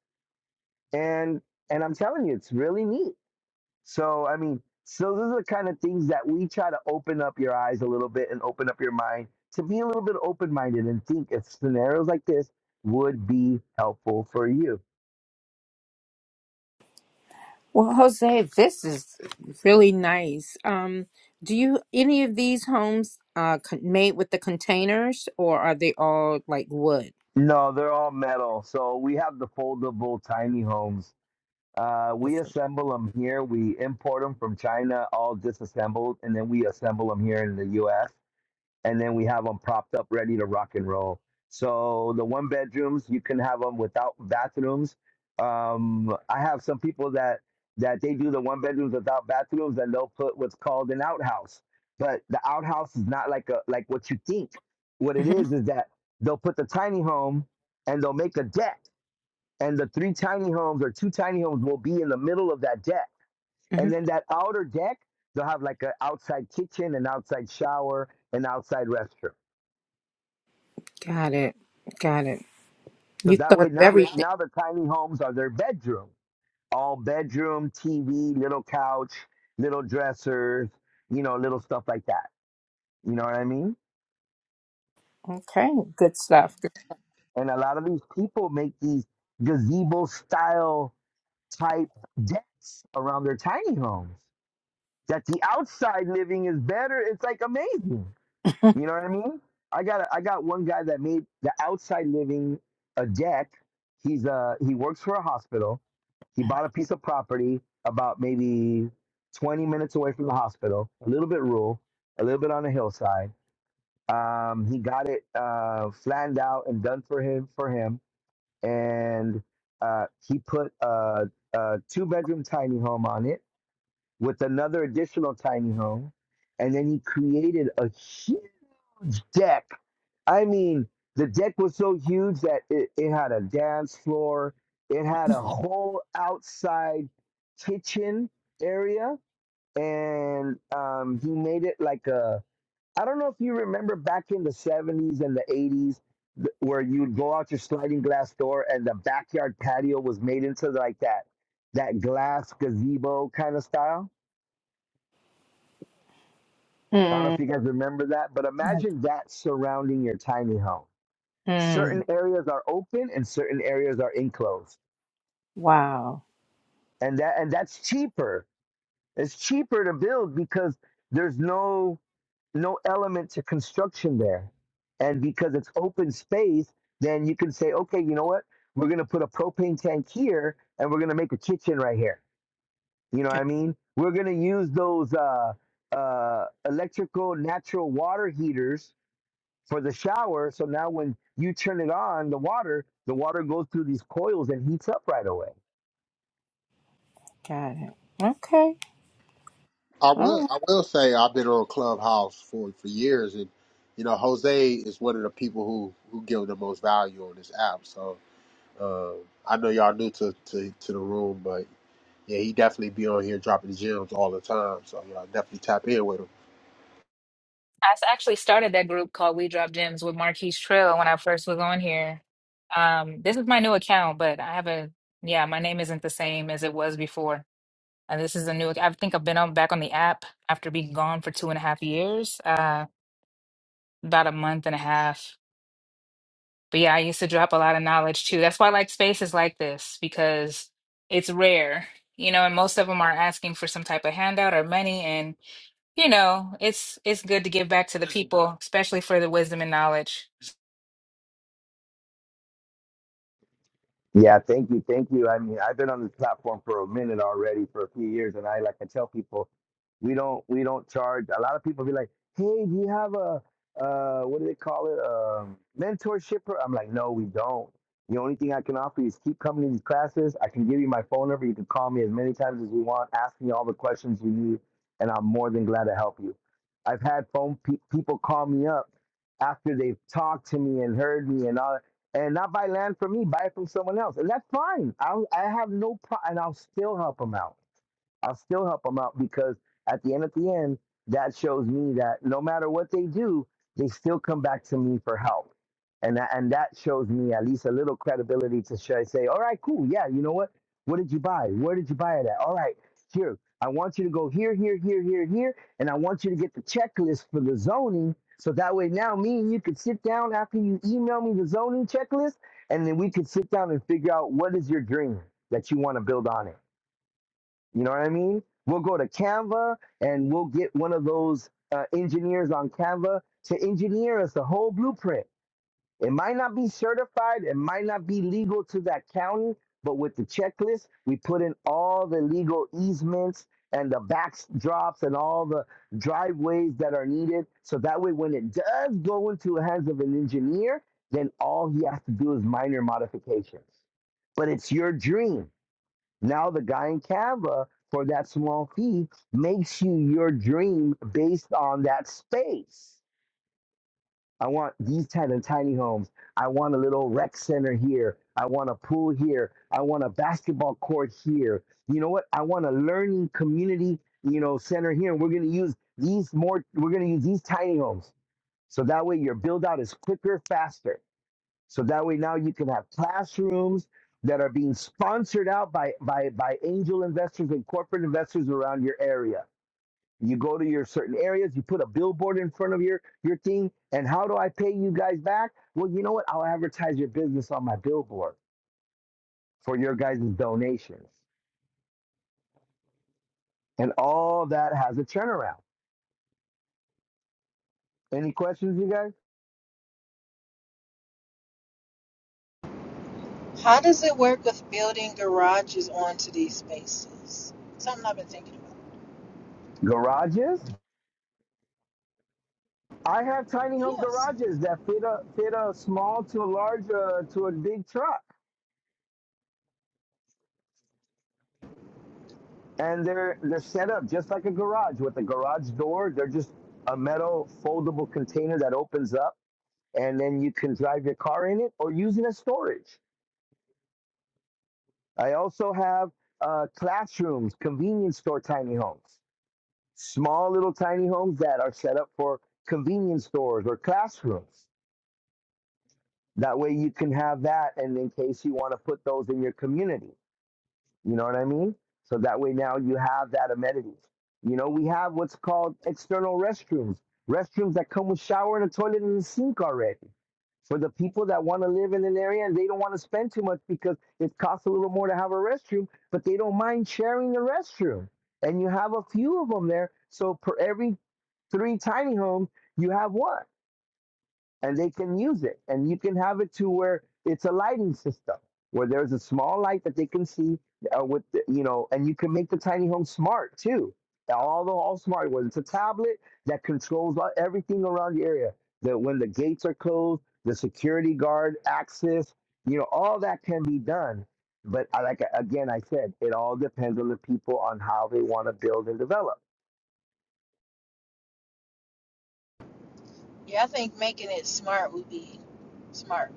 A: And and I'm telling you, it's really neat. So I mean, so those are the kind of things that we try to open up your eyes a little bit and open up your mind to be a little bit open minded and think if scenarios like this would be helpful for you.
D: Well, Jose, this is really nice. Um, do you any of these homes uh con- made with the containers, or are they all like wood?
A: No, they're all metal. So we have the foldable tiny homes Uh, we assemble them here. We import them from China, all disassembled, and then we assemble them here in the U.S. And then we have them propped up, ready to rock and roll. So the one bedrooms, you can have them without bathrooms. Um, I have some people that that they do the one bedrooms without bathrooms, and they'll put what's called an outhouse. But the outhouse is not like a like what you think. What it
D: Mm-hmm.
A: is is that they'll put the tiny home and they'll make a deck and the three tiny homes or two tiny homes will be in the middle of that deck.
D: hmm
A: And then that outer deck, they'll have like an outside kitchen, an outside shower, an outside restroom.
D: Got it. Got it.
A: So
D: You
A: that
D: thought
A: way,
D: of
A: now that
D: everything.
A: now the tiny homes are their bedroom, all bedroom, TV, little couch, little dressers, you know, little stuff like that. You know what I mean?
D: Okay, good stuff.
A: And a lot of these people make these gazebo style type decks around their tiny homes. That the outside living is better. It's like amazing. You know what I mean? I got a- I got one guy that made the outside living a deck. He's uh he works for a hospital. He bought a piece of property about maybe 20 minutes away from the hospital, a little bit rural, a little bit on the hillside. Um, he got it uh, flanned out and done for him for him, and uh, he put a, a two bedroom tiny home on it with another additional tiny home, and then he created a huge deck I mean, the deck was so huge that it, it had a dance floor, it had a whole outside kitchen area, and um, he made it like a. I don't know if you remember back in the 70s and the 80s th- where you'd go out your sliding glass door and the backyard patio was made into like that that glass gazebo kind of style. I don't know
D: Mm,
A: if you guys remember that, but imagine that surrounding your tiny home. certain
D: mm,
A: areas are open and certain areas are enclosed
D: wow.
A: and that and that's cheaper it's cheaper to build because there's no no element to construction there and because it's open space then you can say okay you know what we're going to put a propane tank here and we're going to make a kitchen right here you know what i
D: Got
A: mean we're going to use those uh uh electrical natural water heaters for the shower. So now when you turn it on, the water, the water goes through these coils and heats up right away.
D: got it. Okay.
E: I
D: All
E: will.
D: right.
E: I will say I've been on Clubhouse for for years, and you know Jose is one of the people who who give the most value on this app. So uh, I know y'all new to, to to the room, but yeah, he definitely be on here dropping gems all the time. So y'all definitely tap in with him.
B: I s- actually started that group called We Drop Gems with Marquise Trail when I first was on here. Um, this is my new account, but I have a, yeah, my name isn't the same as it was before. And this is a new, I think I've been on back on the app after being gone for two and a half years, uh, about a month and a half. But yeah, I used to drop a lot of knowledge too. That's why I like spaces like this because it's rare, you know, and most of them are asking for some type of handout or money. And, you know, it's it's good to give back to the people, especially for the wisdom and knowledge.
A: Yeah, thank you, thank you. I mean, I've been on this platform for a minute already, for a few years, and I like I tell people, we don't we don't charge. A lot of people be like, "Hey, do you have a uh, what do they call it? Um, mentorship?" pro-" I'm like, "No, we don't. The only thing I can offer you is keep coming to these classes. I can give you my phone number. You can call me as many times as you want. Ask me all the questions you need, and I'm more than glad to help you. I've had phone pe- people call me up after they've talked to me and heard me and all and not buy land from me, buy it from someone else, and that's fine. I I have no problem, and I'll still help them out. I'll still help them out because at the end at the end, that shows me that no matter what they do, they still come back to me for help. And that, and that shows me at least a little credibility to sh- say, all right, cool. Yeah, you know what? What did you buy? Where did you buy it at? All right, here. I want you to go here, here, here, here, here. And I want you to get the checklist for the zoning. So that way now me and you could sit down after you email me the zoning checklist and then we could sit down and figure out what is your dream that you want to build on it you know what I mean? We'll go to Canva and we'll get one of those uh, engineers on Canva to engineer us the whole blueprint. It might not be certified, it might not be legal to that county, but with the checklist, we put in all the legal easements and the backdrops and all the driveways that are needed. So that way, when it does go into the hands of an engineer, then all he has to do is minor modifications. But it's your dream now the guy in Canva for that small fee makes you your dream based on that space. I want these kind of tiny homes. I want a little rec center here. I want a pool here. I want a basketball court here. You know what? I want a learning community, you know, center here. And we're gonna use these more, we're gonna use these tiny homes. So that way your build out is quicker, faster. So that way now you can have classrooms that are being sponsored out by by by angel investors and corporate investors around your area. You go to your certain areas, you put a billboard in front of your your thing, and how do I pay you guys back? Well, you know what? I'll advertise your business on my billboard for your guys' donations. And all that has a turnaround. Any questions, you guys?
C: How does it work with building garages onto these spaces? Something I've been thinking about.
A: Garages? I have tiny home
C: Yes.
A: garages that fit a fit a small to a large uh, to a big truck and they're they're set up just like a garage with a garage door. They're just a metal foldable container that opens up, and then you can drive your car in it or use it as storage. I also have uh, classrooms, convenience store tiny homes, small little tiny homes that are set up for convenience stores or classrooms. That way you can have that, and in case you want to put those in your community. You know what I mean? So that way now you have that amenity. You know, we have what's called external restrooms, restrooms that come with shower and a toilet and a sink already. For the people that want to live in an area and they don't want to spend too much because it costs a little more to have a restroom, but they don't mind sharing the restroom. And you have a few of them there. So for every three tiny homes, you have one and they can use it. And you can have it to where it's a lighting system where there's a small light that they can see uh, with the, you know, and you can make the tiny home smart too. All the all smart whether it's a tablet that controls a- everything around the area. That when the gates are closed, the security guard access, you know, all that can be done. But I, like again, I said, it all depends on the people on how they want to build and develop
C: Yeah, I think making it smart would be smart.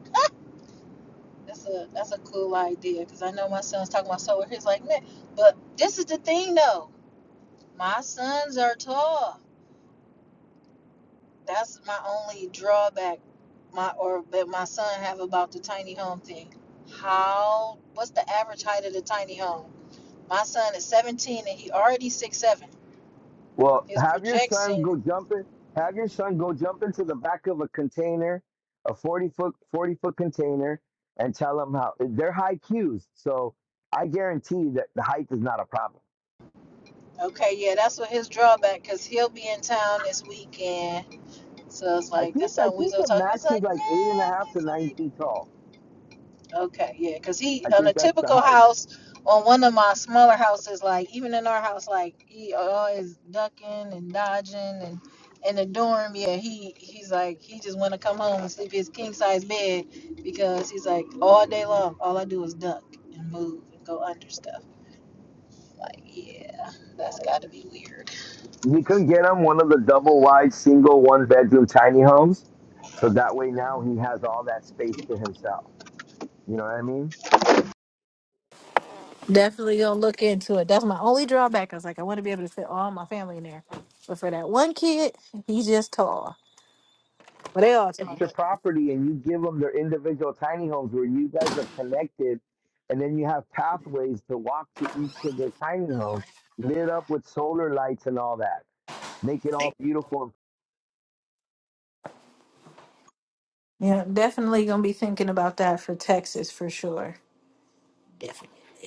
C: That's a that's a cool idea because I know my son's talking about solar. He's like, man, but this is the thing though. My sons are tall. That's my only drawback. My or that my son have about the tiny home thing. How? What's the average height of the tiny home? My son is 17 and he already six seven.
A: Well,
C: His
A: have your son go
C: projection.
A: jump in. Have your son go jump into the back of a container, a forty foot forty foot container, and tell him how they're high cues. So I guarantee that the height is not a problem.
C: Okay, yeah, that's what his drawback because he'll be in town this weekend. So it's
A: I
C: like
A: think
C: that's
A: I
C: something we
A: think
C: so
A: the
C: talk. It's
A: max is
C: like,
A: like eight and a
C: man,
A: half to
C: it's
A: nine
C: like.
A: feet tall.
C: Okay, yeah, because he
A: I
C: on a
A: think that's the
C: typical
A: height.
C: house, on one of my smaller houses, like even in our house, like he always ducking and dodging and in the dorm, yeah, he he's like he just want to come home and sleep in his king size bed because he's like all day long, all I do is duck and move and go under stuff. Like, yeah, that's got to be weird.
A: You can get him one of the double wide single one bedroom tiny homes, so that way now he has all that space to himself. You know what I mean?
C: Definitely gonna look there. One kid, he just tall.
A: your property and you give them their individual tiny homes where you guys are connected and then you have pathways to walk to each of their tiny homes lit up with solar lights and all that make it all beautiful and
C: Yeah, definitely gonna be thinking about that for Texas for sure. Definitely.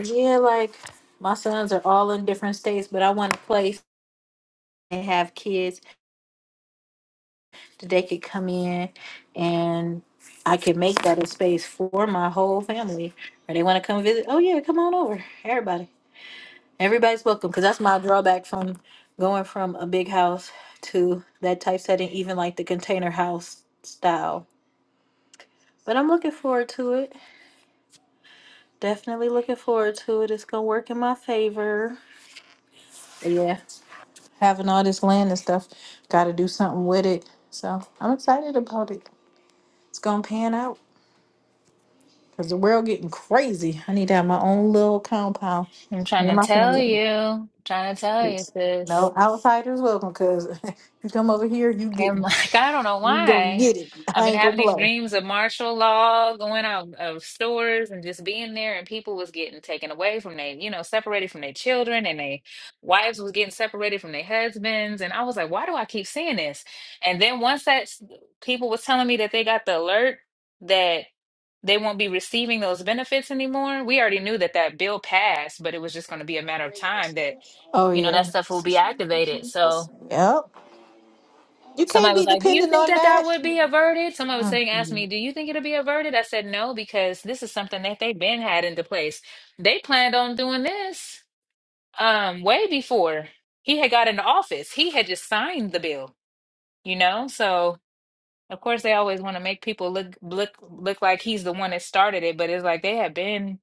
C: Yeah, like my sons are all in different states, but I want a place and have kids that they could come in and I could make that a space for my whole family. Or they want to come visit. Oh yeah, come on over. Everybody. Everybody's welcome. Cause that's my drawback from going from a big house to that type setting, even like the container house style. But I'm looking forward to it. Definitely looking forward to it. It's gonna work in my favor. But yeah. having all this land and stuff. Got to do something with it. So I'm excited about it. It's gonna pan out because the world getting crazy. I need to have my own little compound.
B: I'm
C: Me
B: trying
C: and
B: to
C: my
B: tell
C: family.
B: you, trying to tell you,
C: It's-
B: sis.
C: No outsiders welcome. Cause you come over here, you get
B: I'm like, I don't know
C: you gonna
B: why.
C: get it.
B: I've
C: I
B: been
C: ain't gonna
B: having these
C: play.
B: dreams of martial law, going out of stores and just being there, and people was getting taken away from their, you know, separated from their children, and their wives was getting separated from their husbands. And I was like, why do I keep seeing this? And then once that s- people was telling me that they got the alert that they won't be receiving those benefits anymore, we already knew that that bill passed, but it was just going to be a matter of time that,
C: Oh
B: you know, that
C: yeah,
B: stuff will be activated. So. Somebody was like, "Do you think that that would be averted?" Somebody was saying, "Asked me, do you think it'll be averted?" I said, "No, because this is something that they've been had into place. They planned on doing this um way before he had got into office. He had just signed the bill, you know. So of course they always want to make people look look look like he's the one that started it, but it's like they have been.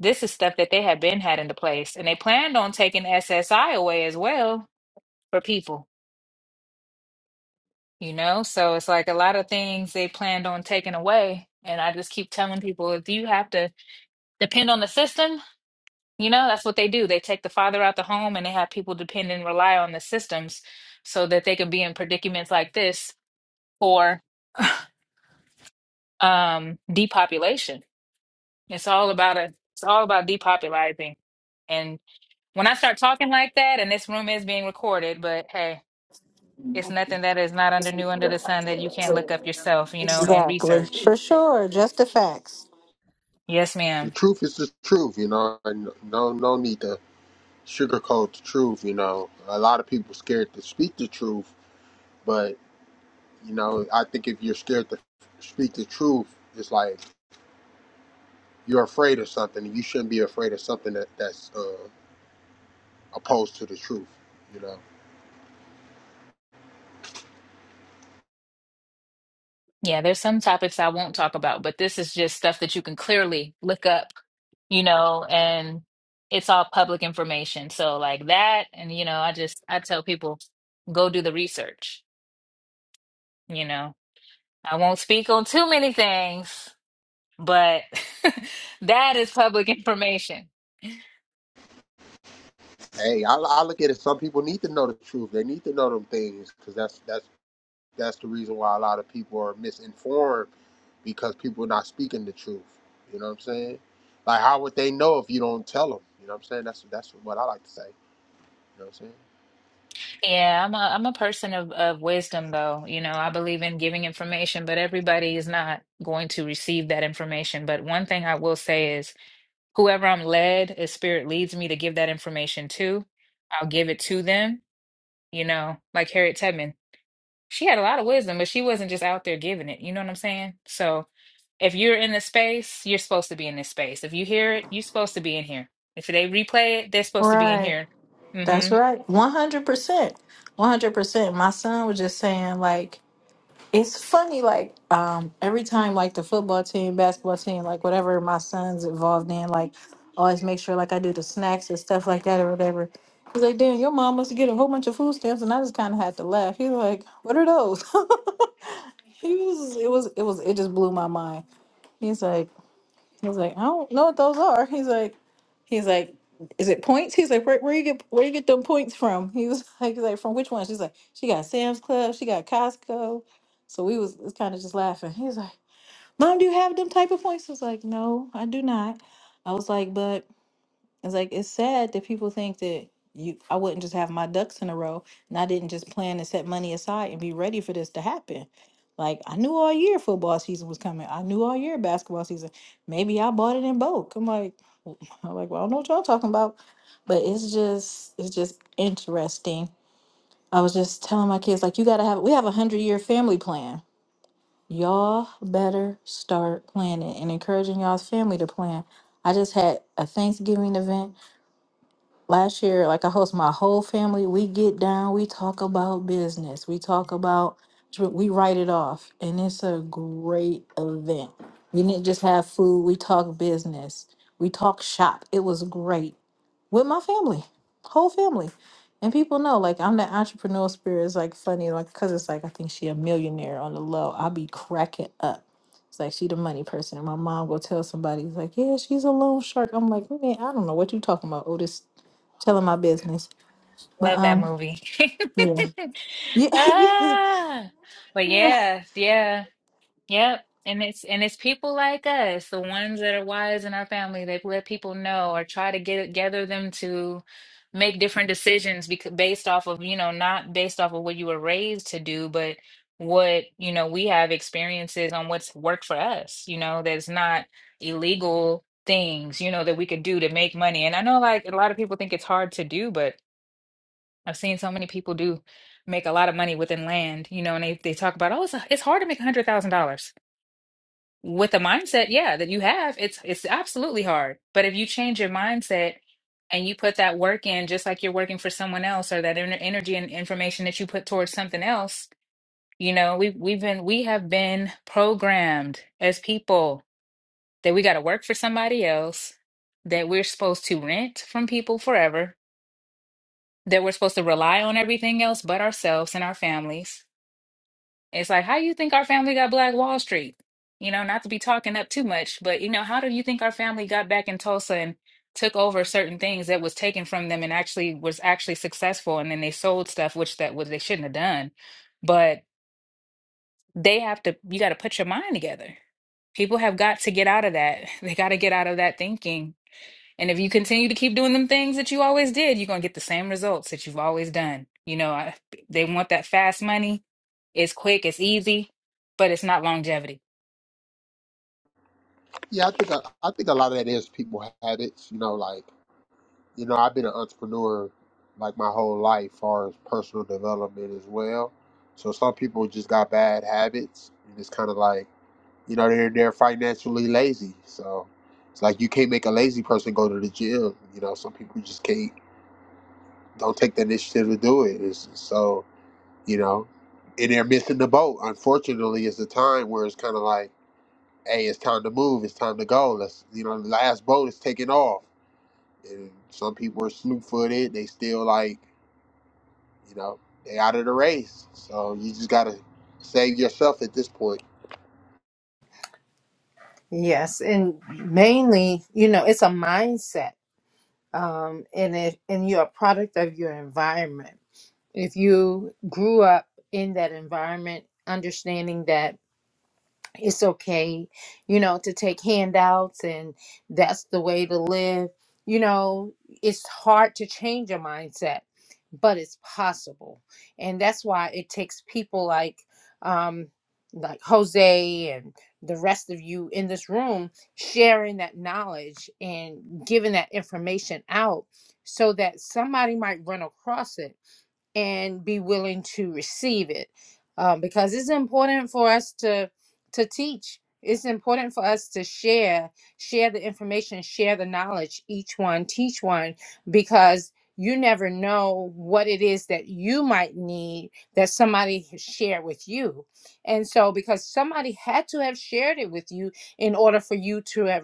B: This is stuff that they have been had into place, and they planned on taking SSI away as well for people. you know? So it's like a lot of things they planned on taking away. And I just keep telling people if you have to depend on the system, you know, that's what they do. They take the father out the home and they have people depend and rely on the systems so that they can be in predicaments like this for um depopulation. It's all about a it's all about depopulizing. And when I start talking like that, and this room is being recorded, but hey, it's nothing that is not under new under the sun that you can't look up yourself, you know, and
C: exactly
B: research.
C: for sure. Just the facts.
B: Yes, ma'am.
E: The truth is the truth, you know. And no no need to sugarcoat the truth, you know. A lot of people scared to speak the truth, but you know I think if you're scared to speak the truth, it's like you're afraid of something and you shouldn't be afraid of something that, that's uh, opposed to the truth you know
B: Yeah, there's some topics I won't talk about, but this is just stuff that you can clearly look up, you know, and it's all public information. So like that, and you know, I just I tell people go do the research, you know. I won't speak on too many things, but that is public information.
E: hey I, I look at it some people need to know the truth they need to know them things because that's that's that's the reason why a lot of people are misinformed because people are not speaking the truth you know what i'm saying like how would they know if you don't tell them you know what i'm saying that's that's what i like to say you know what i'm saying
B: Yeah, I'm a I'm a person of, of wisdom though. You know, I believe in giving information, but everybody is not going to receive that information. But one thing I will say is whoever I'm led, if spirit leads me to give that information to, I'll give it to them. You know, like Harriet Tubman, she had a lot of wisdom, but she wasn't just out there giving it. You know what I'm saying? So if you're in the space, you're supposed to be in this space. If you hear it, you're supposed to be in here. If they replay it, they're supposed to be in
C: Right.
B: here.
C: That's
B: Mm-hmm.
C: right. One hundred percent. One hundred percent. My son was just saying like It's funny, like um, every time, like the football team, basketball team, like whatever my son's involved in, like always make sure like I do the snacks and stuff like that or whatever. He's like, "Damn, your mom must get a whole bunch of food stamps," and I just kind of had to laugh. He's like, "What are those?" he was, it was, it was, it just blew my mind. He's like, I was like, I don't know what those are. He's like, he's like, is it points? He's like, where, where you get where you get them points from? He was like, he's like from which one? She's like, she got Sam's Club, she got Costco. So we was, was kind of just laughing. He's like, Mom, do you have them type of points? I was like, No, I do not. I was like, but it's like it's sad that people think that you I wouldn't just have my ducks in a row and I didn't just plan and set money aside and be ready for this to happen. Like I knew all year football season was coming. I knew all year basketball season. Maybe I bought it in bulk. I'm like, I'm like, well, I don't know what y'all talking about. But it's just it's just interesting. I was just telling my kids, like, you gotta have we have a hundred year family plan. Y'all better start planning and encouraging y'all's family to plan. I just had a Thanksgiving event last year, like I host my whole family. We get down, we talk about business, we talk about, we write it off, and it's a great event. We didn't just have food, we talk business, we talk shop. It was great with my family, whole family. And people know, like, I'm the entrepreneur spirit. It's like funny, like, because it's like, I think she a millionaire on the low. I'll be cracking up. It's like, she the money person. And my mom will tell somebody, it's like, yeah, she's a loan shark. I'm like, man, I don't know what you talking about, Otis telling my business. But
B: Love that
C: um,
B: movie.
C: yeah, yeah,
B: ah, but
C: yeah.
B: yeah, yeah. Yep. And it's and it's people like us, the ones that are wise in our family, that let people know or try to get gather them to make different decisions because based off of, you know, not based off of what you were raised to do, but what, you know, we have experiences on what's worked for us, you know, that's not illegal things, you know, that we could do to make money. And I know like a lot of people think it's hard to do, but I've seen so many people do make a lot of money within land, you know, and they, they talk about, oh, it's, it's hard to make a hundred thousand dollars with the mindset, yeah, that you have, it's it's absolutely hard. But if you change your mindset and you put that work in, just like you're working for someone else, or that ener- energy and information that you put towards something else, you know, we we've been we have been programmed as people that we got to work for somebody else, that we're supposed to rent from people forever, that we're supposed to rely on everything else but ourselves and our families it's like, how you think our family got Black Wall Street? You know, not to be talking up too much, but you know, how do you think our family got back in Tulsa and took over certain things that was taken from them and actually was actually successful and then they sold stuff which that was they shouldn't have done. But they have to you got to put your mind together. People have got to get out of that. They got to get out of that thinking and if you continue to keep doing them things that you always did, you're going to get the same results that you've always done. You know, I, they want that fast money. It's quick, it's easy, but it's not longevity.
E: yeah i think i, I think a lot of that is people habits you know like you know, I've been an entrepreneur like my whole life, far as personal development as well. So some people just got bad habits, and it's kind of like you know they're they're financially lazy. So it's like you can't make a lazy person go to the gym. You know, some people just can't don't take the initiative to do it. It's, so you know, and they're missing the boat. Unfortunately, it's a time where it's kind of like, hey, it's time to move. It's time to go. Let's you know, the last boat is taking off, and some people are slew footed. They still like you know, they out of the race. So you just gotta save yourself at this point.
D: Yes, and mainly, you know, it's a mindset um, and it and you're a product of your environment. If you grew up in that environment, understanding that it's okay, you know, to take handouts and that's the way to live. You know, it's hard to change your mindset, but it's possible. And that's why it takes people like um like Jose and the rest of you in this room sharing that knowledge and giving that information out so that somebody might run across it and be willing to receive it um, because it's important for us to to teach it's important for us to share share the information share the knowledge each one teach one because you never know what it is that you might need that somebody has shared with you and so because somebody had to have shared it with you in order for you to have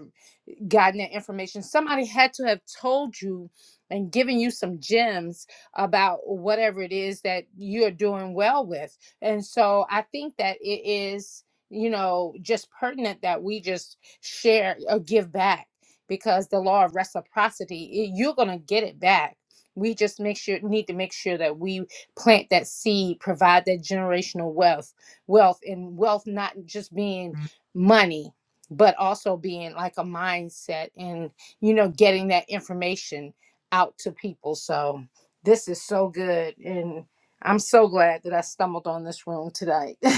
D: gotten that information. Somebody had to have told you and given you some gems about whatever it is that you're doing well with. And so I think that it is, you know, just pertinent that we just share or give back because the law of reciprocity, it, you're going to get it back. We just make sure need to make sure that we plant that seed, provide that generational wealth, wealth and wealth not just being money, but also being like a mindset and you know getting that information out to people so this is so good and i'm so glad that i stumbled on this room tonight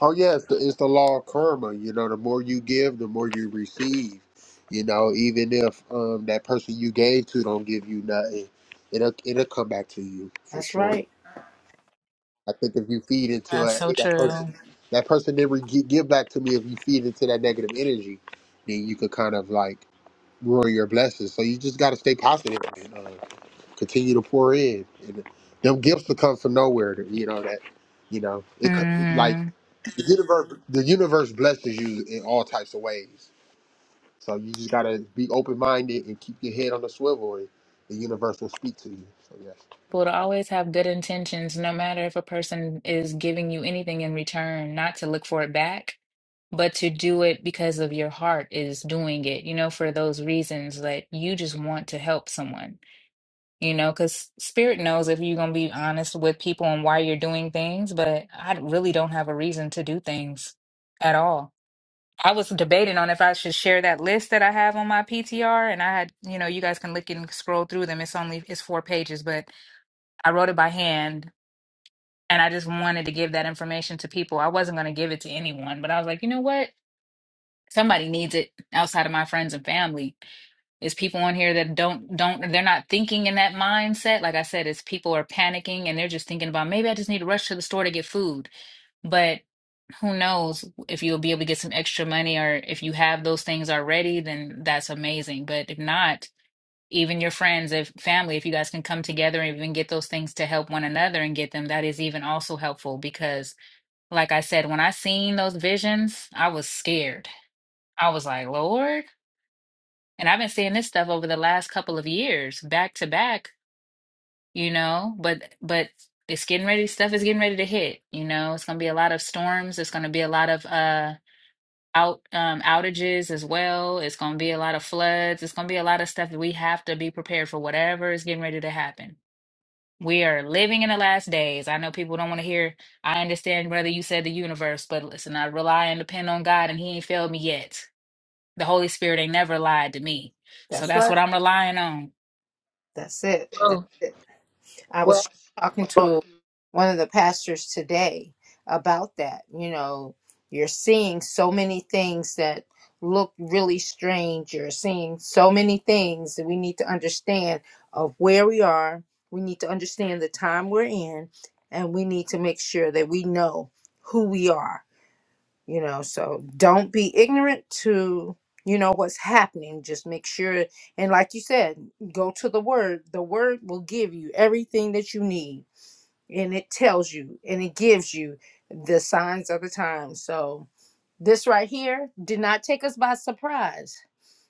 E: Oh yeah, it's the, it's the law of karma. You know, the more you give, the more you receive. You know, even if um that person you gave to don't give you nothing, it'll it'll come back to you for
D: that's
E: sure.
D: right
E: I think if you feed into
B: That's
E: it,
B: so
E: that
B: true.
E: person, that person never gi- give back to me. If you feed into that negative energy, then you could kind of like ruin your blessings. So you just got to stay positive. man. um, continue to pour in, and them gifts will come from nowhere. to- You know that, you know it co- like
B: Mm-hmm.
E: the universe. The universe blesses you in all types of ways. So you just gotta be open minded and keep your head on the swivel, and the universe will speak to you. So yeah.
B: People to always have good intentions, no matter if a person is giving you anything in return, not to look for it back, but to do it because of your heart is doing it, you know, for those reasons that you just want to help someone. you know, because spirit knows if you're going to be honest with people and why you're doing things, but I really don't have a reason to do things at all. I was debating on if I should share that list that I have on my PTR, and I had, you know, you guys can look and scroll through them. It's only it's four pages, but I wrote it by hand, and I just wanted to give that information to people. I wasn't going to give it to anyone, but I was like, you know what? Somebody needs it outside of my friends and family. It's people on here that don't don't they're not thinking in that mindset. Like I said, it's people are panicking and they're just thinking about maybe I just need to rush to the store to get food. But who knows if you'll be able to get some extra money or if you have those things already, then that's amazing. But if not, even your friends, if family, if you guys can come together and even get those things to help one another and get them, that is even also helpful because like I said, when I seen those visions, I was scared. I was like, Lord. And I've been seeing this stuff over the last couple of years, back to back, you know, but but it's getting ready, stuff is getting ready to hit, you know. It's gonna be a lot of storms, it's gonna be a lot of uh out um outages as well. It's gonna be a lot of floods, it's gonna be a lot of stuff that we have to be prepared for whatever is getting ready to happen. We are living in the last days. I know people don't want to hear, I understand, brother, you said the universe, but listen, I rely and depend on God and he ain't failed me yet. The Holy Spirit ain't never lied to me. So
D: that's
B: that's
D: right
B: what I'm relying on.
D: that's it that's
E: Oh,
D: it I
E: well,
D: was talking
E: Right.
D: to one of the pastors today about that. You know, you're seeing so many things that look really strange. You're seeing so many things that we need to understand of where we are. We need to understand the time we're in, and we need to make sure that we know who we are you know so don't be ignorant to you know what's happening just make sure and like you said go to the word the word will give you everything that you need and it tells you and it gives you the signs of the time so this right here did not take us by surprise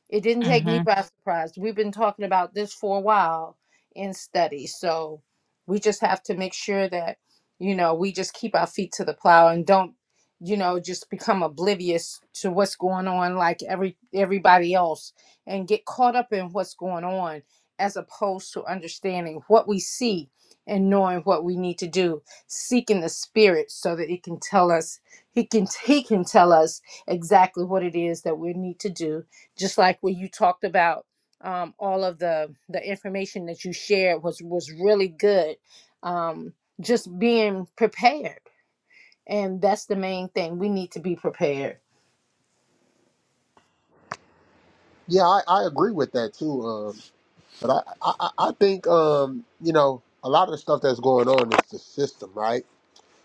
D: it didn't take
B: Mm-hmm.
D: me
B: And
D: by surprise. We've been talking about this for a while in study. So we just have to make sure that, you know, we just keep our feet to the plow and don't, you know, just become oblivious to what's going on like every everybody else and get caught up in what's going on as opposed to understanding what we see and knowing what we need to do, seeking the spirit so that it can tell us he can he can tell us exactly what it is that we need to do just like when you talked about um, all of the the information that you shared was was really good um, just being prepared and that's the main thing we need to be prepared
E: Yeah, I, I agree with that too. Um, but I, I, I I think um, you know, a lot of the stuff that's going on is the system, right?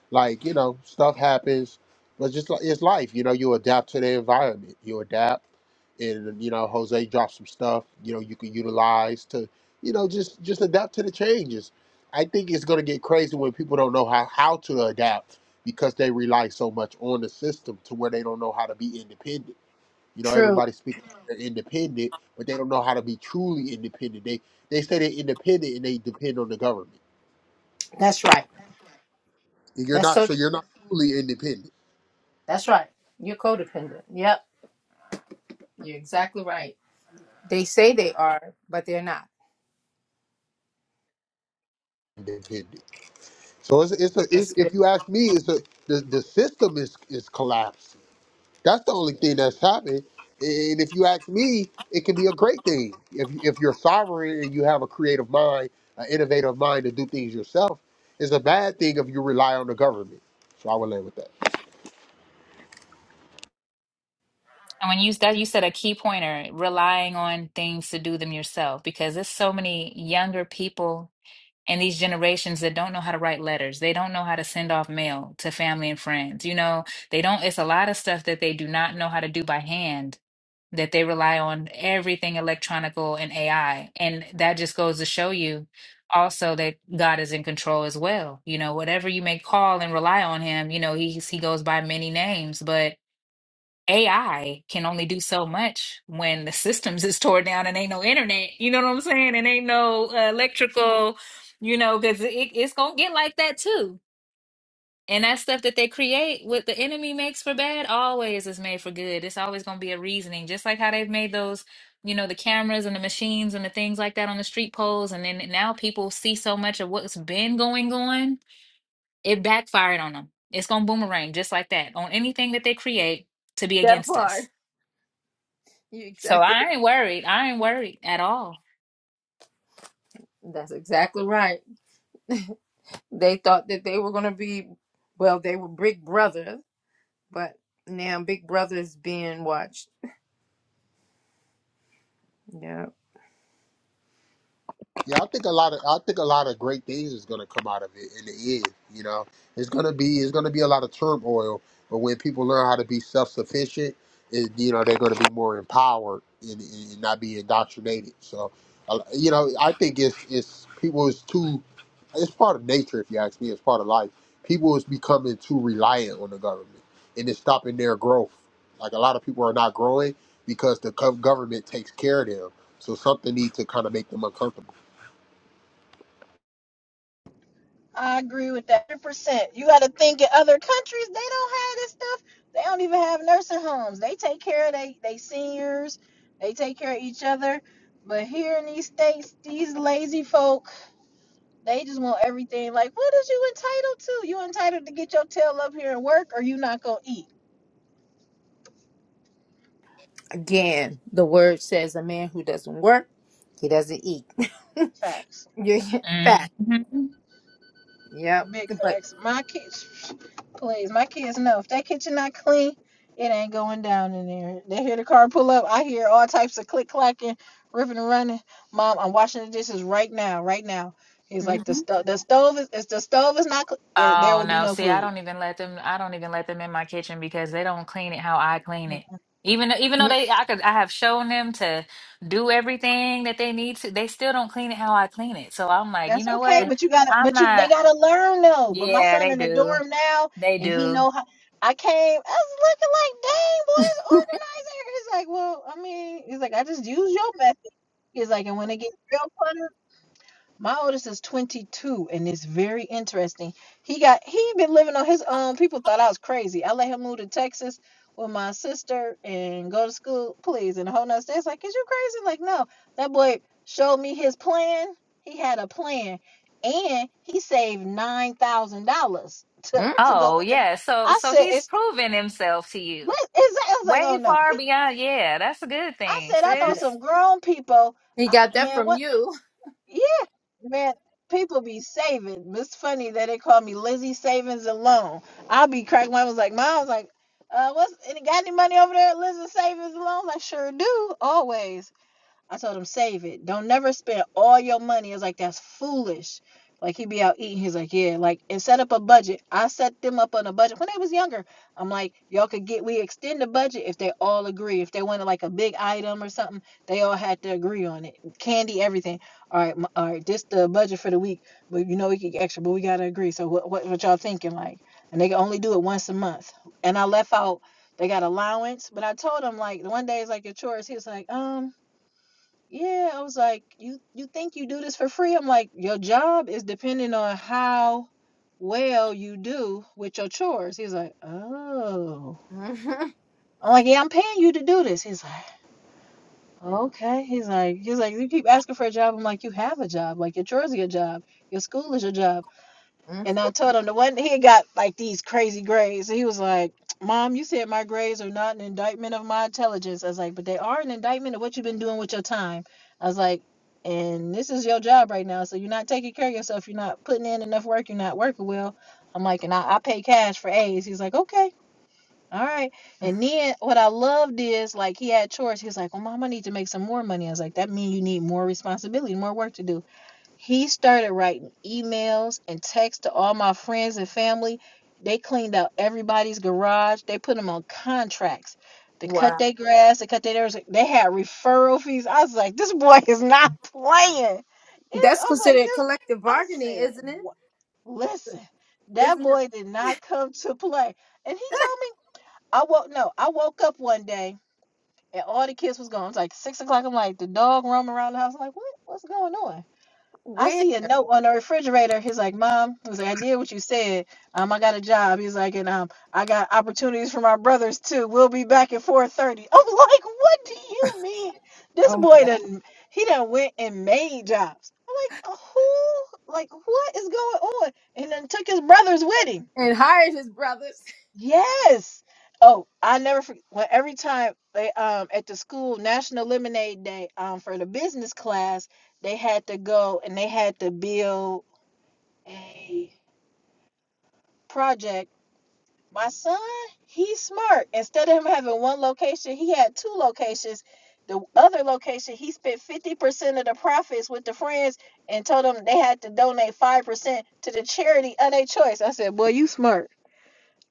E: Like, you know, stuff happens, but just like it's life, you know, you adapt to the environment. You adapt and you know, Jose dropped some stuff, you know, you can utilize to, you know, just just adapt to the changes. I think it's gonna get crazy when people don't know how, how to adapt because they rely so much on the system to where they don't know how to be independent. You know,
D: true
E: everybody speaks like they're independent, but they don't know how to be truly independent. They they say they're independent and they depend on the government.
D: that's right
E: You're
D: that's
E: not
D: so
E: so
D: true
E: you're not truly independent.
D: that's right you're codependent yep you're exactly right they say they are but they're not
E: Independent. So it's it's, a, it's
D: that's good
E: if you ask me, it's a the, the system is is collapsing. That's the only thing that's happening. And if you ask me, it can be a great thing if if you're sovereign and you have a creative mind, an innovative mind to do things yourself. It's a bad thing if you rely on the government. So I would land with that.
B: when you that you said a key pointer, relying on things to do them yourself, because there's so many younger people in these generations that don't know how to write letters. They don't know how to send off mail to family and friends. You know, they don't, it's a lot of stuff that they do not know how to do by hand, that they rely on everything electronical and AI. And that just goes to show you also that God is in control as well. You know, whatever you may call and rely on him, you know, he's, he goes by many names, but AI can only do so much when the systems is tore down and ain't no internet. You know what I'm saying? And ain't no uh, electrical, you know, because it, it's gonna get like that too. And that stuff that they create, what the enemy makes for bad, always is made for good. It's always gonna be a reasoning, just like how they've made those, you know, the cameras and the machines and the things like that on the street poles. And then now people see so much of what's been going on, it backfired on them. It's gonna boomerang just like that on anything that they create to be
D: that
B: against us.
D: part you
B: So
D: exactly
B: I ain't worried. I ain't worried at all.
D: right. that's exactly right they thought that they were going to be well they were big brothers But now Big Brother is being watched. Yeah.
E: Yeah, I think a lot of I think a lot of great things is gonna come out of it in the end. You know, it's gonna be it's gonna be a lot of turmoil, but when people learn how to be self sufficient, it you know they're gonna be more empowered and, and not be indoctrinated. So, uh, you know, I think it's it's people is too. It's part of nature, if you ask me. It's part of life. People is becoming too reliant on the government, and it's stopping their growth. Like a lot of people are not growing because the gov- government takes care of them. So something needs to kind of make them uncomfortable.
C: I agree with that 100%. You got to think in other countries, they don't have this stuff. They don't even have nursing homes. They take care of they, they seniors, they take care of each other. But here in these states, these lazy folk, they just want everything. Like, what is you entitled to? You entitled to get your tail up here and work, or you not going to eat.
D: Again, the word says a man who doesn't work, he doesn't eat.
C: Facts.
D: Yeah, yeah, fact.
B: hmm
D: Yep.
C: Big
D: But
C: facts. My kids, please, my kids know if that kitchen not clean, it ain't going down in there. They hear the car pull up. I hear all types of click clacking, ripping and running. Mom, I'm washing the dishes right now, right now. He's
D: Mhm.
C: like the stove. The stove is. If the stove is not. Cl- eh, there
B: Oh
C: will be
B: no.
C: no
B: See, I
C: food.
B: don't even let them I don't even let them in my kitchen because they don't clean it how I clean it. Even though even though
D: Mm,
B: they I could I have shown them to do everything that they need to, they still don't clean it how I clean it. So I'm like, you
C: That's
B: know
C: okay,
B: what?
D: right.
C: but you gotta,
B: I'm
C: but you they
B: not
C: gotta learn though. But my
B: yeah,
C: son
B: they
C: in the
B: do.
C: dorm now,
B: They
C: and he
B: do.
C: know how. I came, I was looking like, dang boy, it's organized. here." He's like, well, I mean, he's like, I just use your method. He's like, and when it gets real fun my oldest is 22, and it's very interesting. He got he been living on his own. People thought I was crazy. I let him move to Texas with my sister and go to school, please, and a whole nother state. It's like, is you crazy? Like, no. That boy showed me his plan. He had a plan, and he saved nine thousand dollars to
D: Mm,
C: to go
B: Oh
C: with him.
B: yeah. So
C: I
B: so
C: said,
B: he's
C: it's
B: proven himself to you.
C: what is that? I was like, oh
B: Way
C: no. He,
B: far beyond yeah, that's a good
C: I
B: thing,
C: said, I
D: yeah.
C: know
B: sis.
C: some grown people.
D: he
C: I,
D: got that
C: man, what?
D: from you.
C: Yeah, man. People be saving. It's funny that they call me Lizzie Savings Alone. I'll be cracking. my was like, Mom was like, uh, what's any got any money over there, at Lizzie Savings Alone? I sure do, always. I told him save it. Don't never spend all your money. I was like, that's foolish. Like he be out eating. He's like, yeah. Like and set up a budget. I set them up on a budget when they was younger. I'm like, y'all could get. We extend the budget if they all agree. If they wanted like a big item or something, they all had to agree on it. Candy, everything. All right, m- all right. This the budget for the week. But you know we could get extra, but we gotta agree. So what what, what y'all thinking like? And they can only do it once a month. And I left out. They got allowance, but I told him like the one day it's like your chores. He was like, um. Yeah, I was like, you you think you do this for free? I'm like, your job is depending on how well you do with your chores. He's like, oh.
D: Mhm.
C: I'm like, yeah, I'm paying you to do this. He's like, okay. He's like, he's like, you keep asking for a job. I'm like, you have a job. Like your chores are your job. Your school is your job.
D: Mm.
C: And I told him the one he got like these crazy grades. he was like, Mom, you said my grades are not an indictment of my intelligence. I was like, but they are an indictment of what you've been doing with your time. I was like, and this is your job right now. So you're not taking care of yourself. You're not putting in enough work. You're not working well. I'm like, and I, I pay cash for A's. He's like, okay. All right. And then what I loved is like he had chores. He was like, Well, mom, I need to make some more money. I was like, That means you need more responsibility, more work to do. He started writing emails and texts to all my friends and family. They cleaned out everybody's garage. They put them on contracts to cut
D: Wow.
C: their grass, to cut their They had referral fees. I was like, this boy is not playing. It's, I
D: That's
C: was like,
D: considered
C: this.
D: collective
C: I
D: bargaining,
C: said,
D: isn't it?
C: what? listen, that
D: Isn't it
C: boy did not come to play. And he told me, I woke no, I woke up one day and all the kids was gone. It's like six o'clock. I'm like, the dog roaming around the house. I'm like, what? What's going on? I
D: weird?
C: see a note on the refrigerator. He's like, Mom, I was like, I did what you said. Um, I got a job. He's like, and um, I got opportunities for my brothers too. We'll be back at 4:30. I'm like, what do you mean? This
D: Oh my
C: boy
D: God.
C: done he done went and made jobs. I'm like, who? Like, what is going on? And then took his brothers with him.
D: And hired his brothers.
C: Yes. Oh, I never forget. Well, every time they um at the school National Lemonade Day um for the business class they had to go and they had to build a project. My son, he's smart. Instead of him having one location, he had two locations. The other location, he spent 50% of the profits with the friends and told them they had to donate 5% to the charity of their choice. I said, Boy, you smart.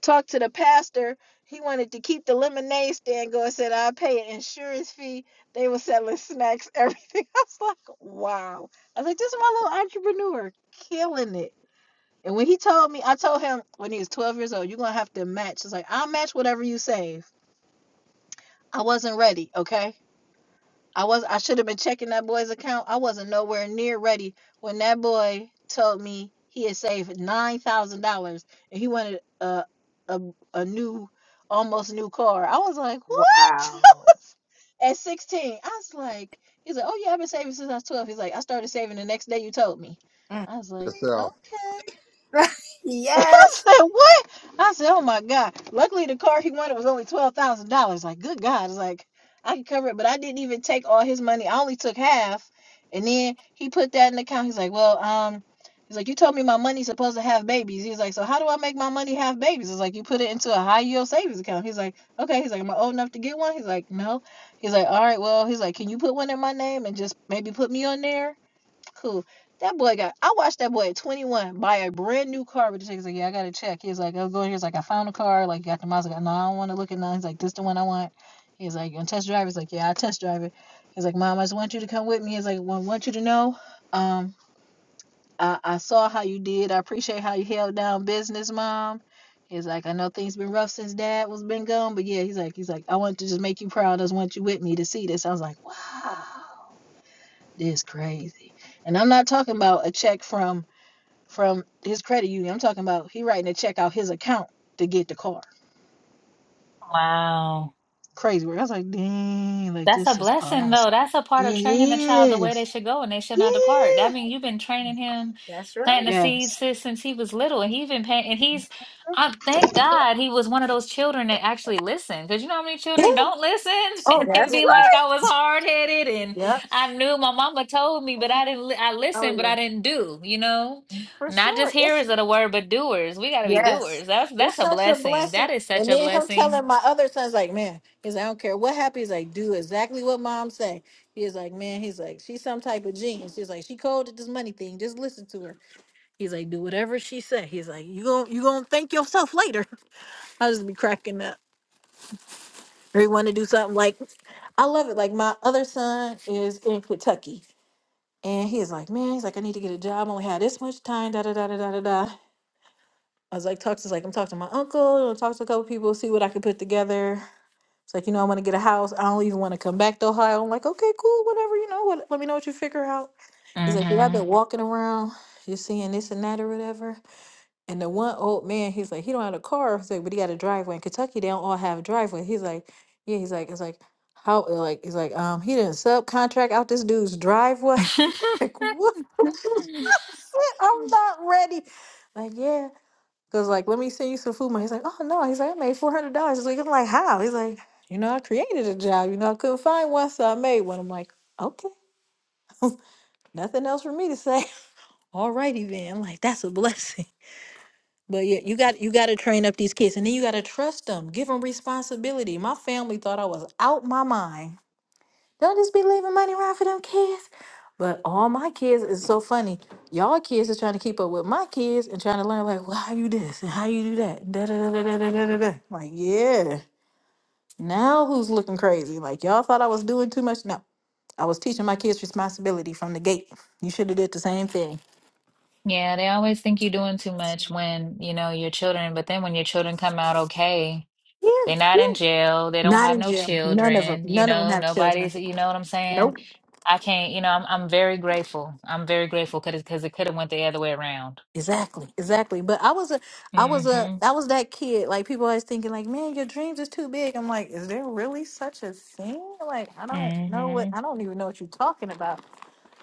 C: Talked to the pastor. He wanted to keep the lemonade stand going, said, I'll pay an insurance fee. They were selling snacks, everything. I was like, Wow. I was like, This is my little entrepreneur killing it. And when he told me, I told him when he was 12 years old, you're gonna have to match. It's like I'll match whatever you save. I wasn't ready, okay? I was I should have been checking that boy's account. I wasn't nowhere near ready when that boy told me he had saved nine thousand dollars and he wanted a, a a new almost new car. I was like, what?
D: Wow.
C: At 16, I was like, he's like, oh yeah, I've been saving since I was 12. He's like, I started saving the next day you told me.
D: Mm.
C: I was like,
E: yourself.
C: okay. I
D: yes.
C: said, what? I said, oh my God. Luckily, the car he wanted was only $12,000. Like, good God. It's like, I could cover it, but I didn't even take all his money. I only took half. And then he put that in the account. He's like, well, um, he's like, you told me my money's supposed to have babies. He's like, so how do I make my money have babies? It's like, you put it into a high yield savings account. He's like, okay. He's like, am I old enough to get one? He's like, no. He's like, all right, well, he's like, can you put one in my name and just maybe put me on there? Cool. That boy got. I watched that boy at 21 buy a brand new car. with the chick. He's like, yeah, I got to check. He's like, I was going here. He's like, I found a car. Like, got the miles. Like, no, I don't want to look at none. He's like, this the one I want. He's like, you gonna test drive? He's like, yeah, I test drive it. He's like, mom, I just want you to come with me. He's like, well, I want you to know, um, I, I saw how you did. I appreciate how you held down business, mom. He's like, I know things been rough since dad was been gone, but yeah, he's like, he's like, I want to just make you proud. I just want you with me to see this. I was like, wow. This crazy. And I'm not talking about a check from from his credit union. I'm talking about he writing a check out his account to get the car.
B: Wow.
C: Crazy work. I was like, dang, like
B: That's a
C: this is
B: blessing,
C: awesome.
B: though. That's a part of training the child the
C: It
B: way they
C: is.
B: should go, and they should not
C: Yeah.
B: depart. That means you've been training him,
D: That's
B: planting
D: right.
B: the seeds
C: Yes.
B: since since he was little, and he even paying. And he's, I thank God he was one of those children that actually listened, because you know how many children
C: Yeah.
B: don't listen
C: Oh
B: and
C: my
B: then
D: That's
B: be
C: goodness.
B: like, I was hard headed, and
C: Yep.
B: I knew my mama told me, but I didn't. li- I
C: Oh
B: listened, but
C: yeah.
B: I didn't do. You know,
D: right.
C: For
B: not
C: sure.
B: just
C: It's.
B: hearers of the word, but doers. We got to be
C: Yes.
D: Yes.
B: doers. That's
C: It's
B: that's a
C: such a
B: blessing. That
C: blessing.
B: is such
C: And
B: a
C: then him
B: blessing.
C: telling my other sons, like, man, he's like, I don't care what happens. He's like, do exactly what mom say. He's like, man, he's like, she's some type of genius. He's like, she cold at this money thing. Just listen to her. He's like, do whatever she say. He's like, you gon' you gonna thank yourself later. I just be cracking up. Or he want to do something like, I love it. Like my other son is in Kentucky, and he's like, man, he's like, I need to get a job. I only had this much time. Da da da da da da da. I was like, talk to like I'm talking to my uncle. I'm talking to a couple people, see what I can put together. It's like, you know, I want to get a house. I don't even want to come back to Ohio. I'm like, okay, cool, whatever, you know, what, let me know what you figure out. He's like,
B: Mm-hmm.
C: yeah, I've been walking around, you're seeing this and that or whatever. And the one old man, he's like, he don't have a car. He's like, but he got a driveway. In Kentucky, they don't all have a driveway. He's like, yeah, he's like, it's like, how, like, he's like, um, he didn't subcontract out this dude's driveway. I'm like, what? I'm not ready. Like, yeah. Cause like, let me send you some food money. He's like, oh no. He's like, I made four hundred dollars. He's like, I'm like, how? He's like, you know, I created a job. You know, I couldn't find one, so I made one. I'm like, okay, nothing else for me to say. All righty then. I'm like, that's a blessing. But yeah, you got you got to train up these kids, and then you got to trust them, give them responsibility. My family thought I was out my mind Don't just be leaving money around for them kids. But all my kids is so funny. Y'all kids is trying to keep up with my kids and trying to learn like, well, how you this and how you do that. da da da da da da. da, da. Like, yeah. Now who's looking crazy? Like y'all thought I was doing too much. No, I was teaching my kids responsibility from the gate. You should have did the same thing.
B: Yeah, they always think you're doing too much when, you know, your children, but then when your children come out okay,
C: Yeah,
B: they're
C: yeah.
B: not in jail, they don't
C: Not
B: have
C: in
B: no
C: jail. None of them.
B: children, you
C: None of them
B: know,
C: have children.
B: nobody's, you know what I'm
C: Nope.
B: saying? I can't, you know, I'm I'm very grateful. I'm very grateful because because it could have went the other way around.
C: Exactly, exactly. But I was a, I was a,
B: Mm-hmm.
C: I was that kid. Like people always thinking, like, man, your dreams is too big. I'm like, is there really such a thing? Like, I don't know what,
B: Mm-hmm.
C: I don't even know what you're talking about.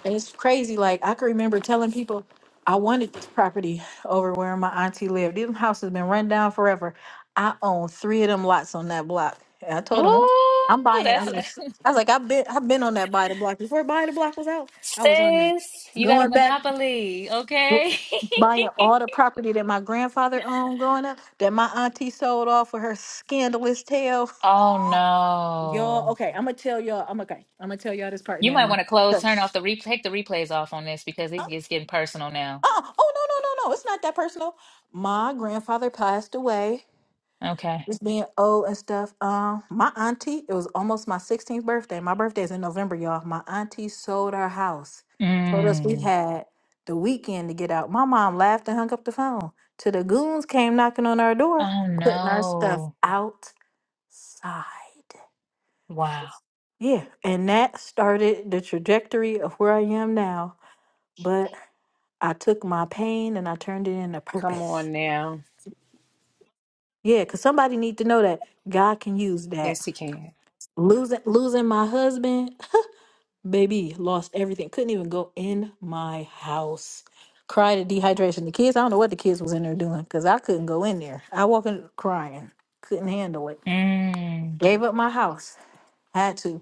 C: And it's crazy. Like I can remember telling people, I wanted this property over where my auntie lived. This house has been run down forever. I own three of them lots on that block. And I told them, I'm, I'm
B: Ooh,
C: buying. it. I
B: that's
C: was, like, I was like, I've been, I've been on that buy the block before buy the block was out. I was on that,
B: sis, you got a
C: going back
B: monopoly, okay?
C: buying all the property that my grandfather owned growing up that my auntie sold off with her scandalous tale.
B: Oh
C: Y'all,
B: no.
C: okay, I'm gonna tell y'all. I'm okay. I'm gonna tell y'all this part
B: You
C: now.
B: might
C: I'ma-
B: want to close, turn off the replay, take the replays off on this because it gets getting personal now.
C: Oh, oh, oh, no, no, no, no. It's not that personal. My grandfather passed away
B: Okay.
C: just being old and stuff. Um, my auntie, it was almost my 16th birthday. My birthday is in November, y'all. My auntie sold our house. Told us we
B: Mm.
C: had the weekend to get out. My mom laughed and hung up the phone. Till the goons came knocking on our door,
B: Oh
C: putting our stuff
B: no.
C: outside.
B: Wow.
C: Yeah, and that started the trajectory of where I am now. But I took my pain and I turned it into
D: Come
C: purpose.
D: on now.
C: Yeah, because somebody need to know that God can use that
D: Yes, he can.
C: losing losing my husband baby lost everything couldn't even go in my house cried at dehydration the kids i don't know what the kids was in there doing because i couldn't go in there i walked in crying couldn't handle it
B: Mm.
C: gave up my house had to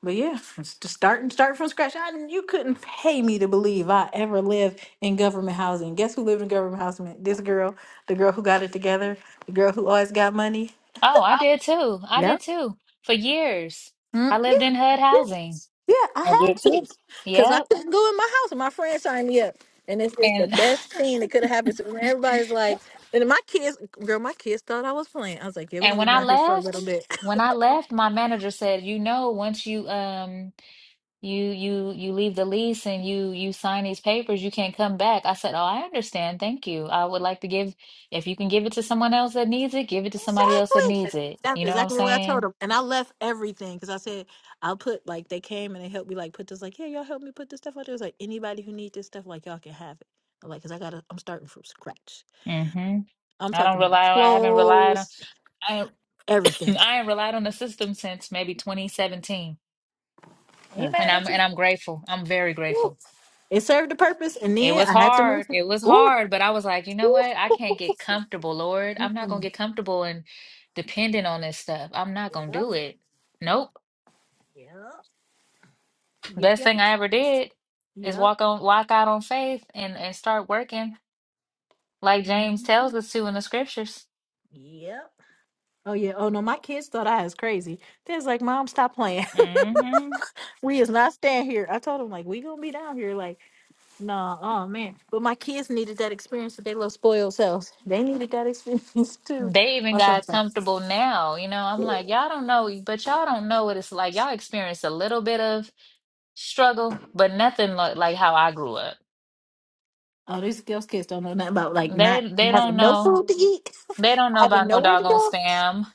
C: but yeah it's just start and start from scratch I, you couldn't pay me to believe i ever lived in government housing guess who lived in government housing this girl the girl who got it together the girl who always got money
B: Oh, I did too. I did too. For years. I
C: Mm,
B: lived
C: yeah,
B: in HUD
C: yeah,
B: housing.
C: yeah. I
D: I did
C: had to
D: too.
C: because I
B: Yep.
C: couldn't go in my house, and my friend signed me up, and it's it's the
B: And
C: best thing that could have happened. To me. Everybody's like, and my kids, girl, my kids thought I was playing. I was like, yeah, we're
B: and
C: gonna be
B: when I
C: down here for a little
B: left,
C: bit.
B: when I left, my manager said, "You know, once you um you you you leave the lease and you you sign these papers, you can't come back." I said, "Oh, I understand. Thank you. I would like to give if you can give it to someone else that needs it, give it to somebody else that
C: exactly.
B: needs it."
C: That's
B: You know what I'm
C: exactly what I told
B: saying?
C: them, and I left everything because I said I'll put like they came and they helped me like put this like yeah y'all help me put this stuff out there. It's like anybody who needs this stuff like y'all can have it. I'm like, cause I gotta, I'm starting from scratch.
B: Mm-hmm.
C: I'm
B: I don't
C: talking about
B: rely on, I haven't relied on,
C: clothes,
B: I ain't-
C: everything.
B: I ain't relied on the system since maybe 2017.
C: Ain't
D: Mm.
B: And
C: mad
B: I'm
C: at
B: and I'm grateful. I'm very
C: you.
B: grateful.
C: It served a purpose, and
B: It
C: then
B: was
C: I had to move.
B: hard.
C: it.
B: It was
C: Ooh.
B: hard, but I was like, you know what? I can't get comfortable, Lord. I'm not gonna
C: Mm-mm.
B: get comfortable and dependent on this stuff. I'm not
C: Yep.
B: gonna do it. Nope.
C: Yep. Yep.
B: Best
C: Yep.
B: thing I ever did is
C: Yep.
B: walk on walk out on faith and and start working like James
C: Mhm.
B: tells us to in the scriptures.
C: Yep. Oh yeah. Oh no, my kids thought I was crazy. They was like, "Mom, stop playing.
B: Mm-hmm.
C: we is not staying here." I told them like, "We gonna be down here." Like, nah, oh man. But my kids needed that experience with their little spoiled selves. They needed that experience too.
B: They even
C: My
B: got
C: son's like,
B: comfortable now. You know, I'm like, y'all don't know, but y'all don't know what it's like. Y'all experience a little bit of struggle, but nothing like, like how I grew up.
C: "Oh, these girls kids don't know nothing about like
B: They
C: not
B: they don't
C: having no
B: know.
C: food to eat,
B: They don't know
C: having
B: about no
C: nowhere to
B: doggone
C: go."
B: spam.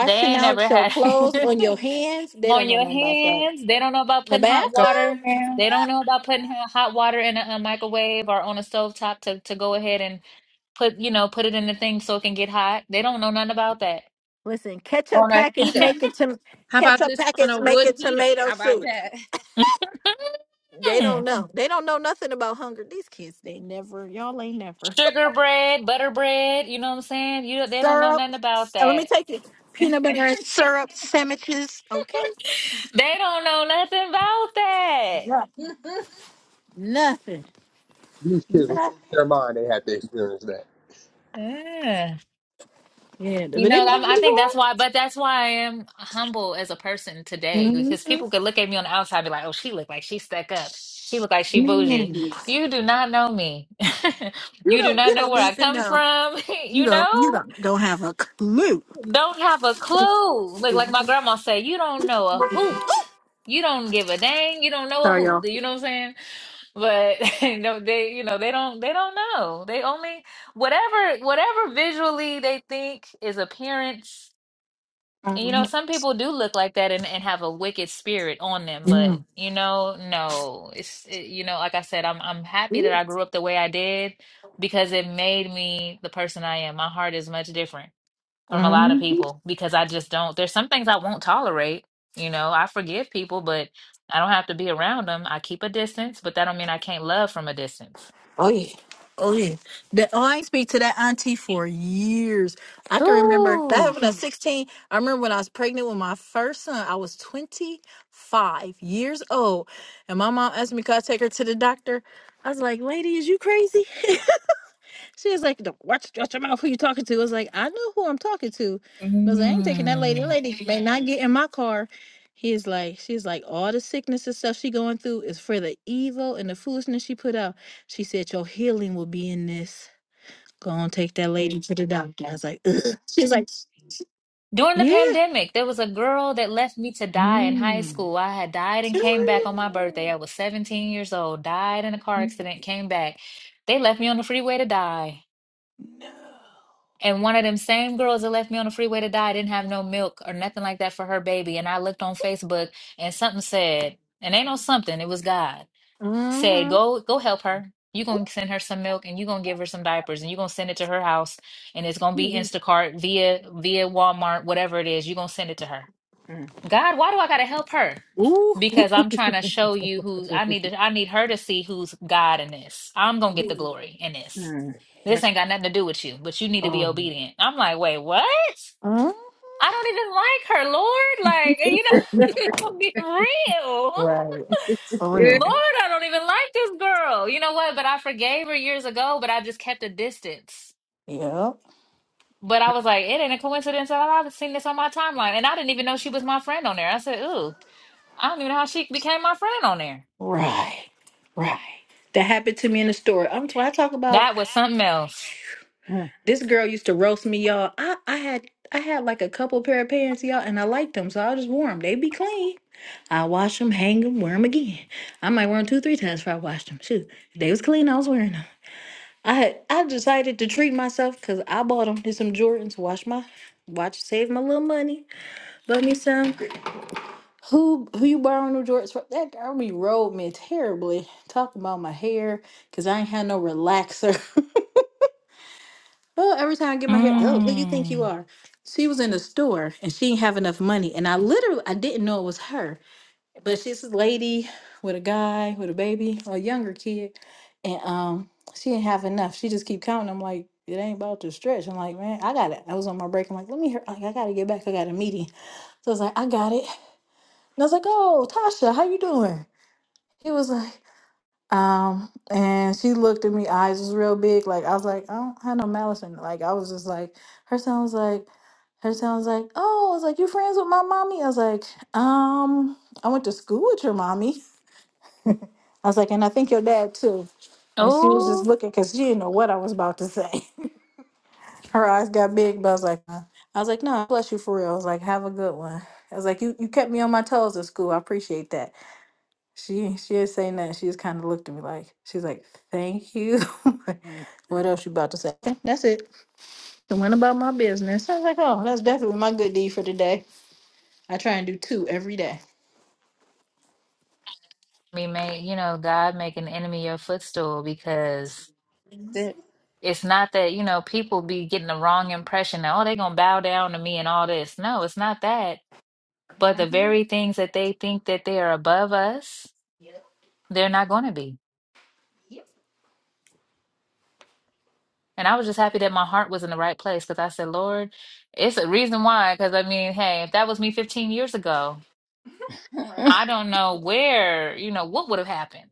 B: They ain't
C: out
B: ever
C: your
B: had
C: clothes on your hands. They don't
B: on
C: know
B: your
C: nothing about that.
B: hands. They don't know about
C: The
B: putting hot
D: Come
B: water.
C: bathtub?
D: on,
B: They don't know about putting hot hot water in a, a microwave or on a stovetop to, to go ahead and put, you know, put it in the thing so it can get hot. They don't know nothing about that.
C: Listen, ketchup
D: on a
C: packets
D: heater.
C: make it to
D: How about
C: ketchup
D: this on
C: packets
D: a
C: make
D: wood
C: it
D: heater?
C: tomato
D: How about
C: soup.
D: that?
C: They don't know. They don't know nothing about hunger. These kids, they never, y'all ain't never.
B: Sugar bread, butter bread, you know what I'm saying? You they don't know
C: syrup.
B: nothing about
C: uh, let me
B: that.
C: take it. Peanut butter and syrup sandwiches. Okay.
B: They don't know nothing about that.
C: Yeah. Nothing.
E: These kids will lose
C: Nothing.
E: their mind. They had to experience that.
B: Yeah.
C: Yeah,
B: You
C: but
B: know,
C: it made
B: I'm, I
C: me
B: think that's
C: hungry.
B: why, but that's why I am humble as a person today because
C: Mhm.
B: people could look at me on the outside and be like, oh, she look like she stuck up. She look like she bougie.
C: Man.
B: You do not know me.
C: You
B: You do
C: don't
B: not
C: you
B: know
C: don't
B: where
C: need
B: I
C: to
B: come
C: know.
B: from.
C: You
B: You
C: don't you
B: know,
C: don't don't have a clue.
B: don't have a clue. Like like my grandma said, you don't know a hoot. You don't give a dang. You don't know a
C: Sorry,
B: hoot.
C: y'all.
B: You know what I'm saying? But no, they, you know, they don't, they don't know. They only whatever, whatever visually they think is appearance. And you know, some people do look like that and, and have a wicked spirit on them. But
C: Mm,
B: you know, no, it's it, you know, like I said, I'm I'm happy that I grew up the way I did because it made me the person I am. My heart is much different from a lot of
C: mm.
B: people because I just don't. There's some things I won't tolerate. You know, I forgive people, but I don't have to be around them. I keep a distance, but that don't mean I can't love from a distance.
C: Oh yeah, oh yeah. That oh, I ain't speak to that auntie for years. I can remember that
B: Ooh.
C: happened at sixteen. I remember when I was pregnant with my first son. I was twenty five years old, and my mom asked me could I take her to the doctor. I was like, "Lady, is you crazy?" She was like, "Don't watch, watch your mouth. Who you talking to?" I was like, "I know who I'm talking to." But I was like, "I ain't taking that lady. That
B: Mm.
C: lady may not get in my car." He's like, she's like, all the sickness and stuff she going through is for the evil and the foolishness she put out. She said, "Your healing will be in this. Go on, take that lady to the doctor." I was like, Ugh. "She's like,
B: During the
C: yeah."
B: pandemic, there was a girl that left me to die in high
C: Mm.
B: school. I had died and came back on my birthday. I was 17 years old, died in a car accident, came back. They left me on the freeway to die. And one of them same girls that left me on the freeway to die didn't have no milk or nothing like that for her baby. And I looked on Facebook and something said, and ain't no something, it was God, said,
C: Mm-hmm.
B: Go go help her. you gonna send her some milk and you gonna give her some diapers and you gonna send it to her house and it's gonna be Instacart via via Walmart, whatever it is, You're going gonna send it to her.
D: mm,
B: God, why do I gotta help her?
C: Ooh.
B: Because I'm trying to show you who I need to I need her to see who's God in this. I'm gonna get the glory in this.
D: mm.
B: This
D: That's
B: ain't got nothing to do with you, but you need to be obedient. I'm like, wait, what? I don't even like her, Lord. Like, you know, get real.
C: Uh-huh. For real.
D: mm,
B: Lord, I don't even like this girl. You know what? But I forgave her years ago, but I just kept a distance.
C: Yep.
B: But I was like, it ain't a coincidence at all. I've seen this on my timeline. And I didn't even know she was my friend on there. I said, ooh. I don't even know how she became my friend on there.
C: Right. Right. That happened to me in the store. I'm when I talk about
B: That was something else.
D: mm,
C: this girl used to roast me, y'all. I, I had I had like a couple pair of pants, y'all, and I liked them, so I just wore them. They be clean. I wash them, hang them, wear them again. I might wear them two, three times before I washed them. Shoot, if they was clean. I was wearing them. I had I decided to treat myself because I bought them. Did some Jordans. Wash my watch, save my little money. Bought me some. Who who you borrowing new Jordans from? That girl be rolled me terribly. Talking about my hair, cause I ain't had no relaxer. oh, every time I get my hair, oh, who you think you
B: Mm.
C: are? She was in the store and she didn't have enough money, and I literally I didn't know it was her, but she's a lady with a guy with a baby. Like, auntie. and I was like, I want mommy. I was like, "Oh." she was just
B: Oh,
C: looking. I was her eyes got big, but I was like, uh, I was like, no, bless you for real. I was like, have a good one. I was like, you, you kept me on my toes at school. I appreciate that. She she didn't say nothing. She just kind of. Like she's like, "Thank you." Like,
D: mm.
C: what else you about to say? "Eh, That's it. I went about my business. I was like, "Oh, that's definitely my good deed for today."
B: me may you know God make an enemy your footstool because
D: That's it.
B: it's not that you know people be getting the wrong impression that oh they gonna bow down to me and all this. No, it's not that. But the very things that they think that they are above us, they're not going to be. And I was just happy that my heart was in the right place because I said, Lord, it's a reason why. Because I mean, hey, if that was me 15 years ago.
C: Right.
B: I don't know where, you know, what would have happened.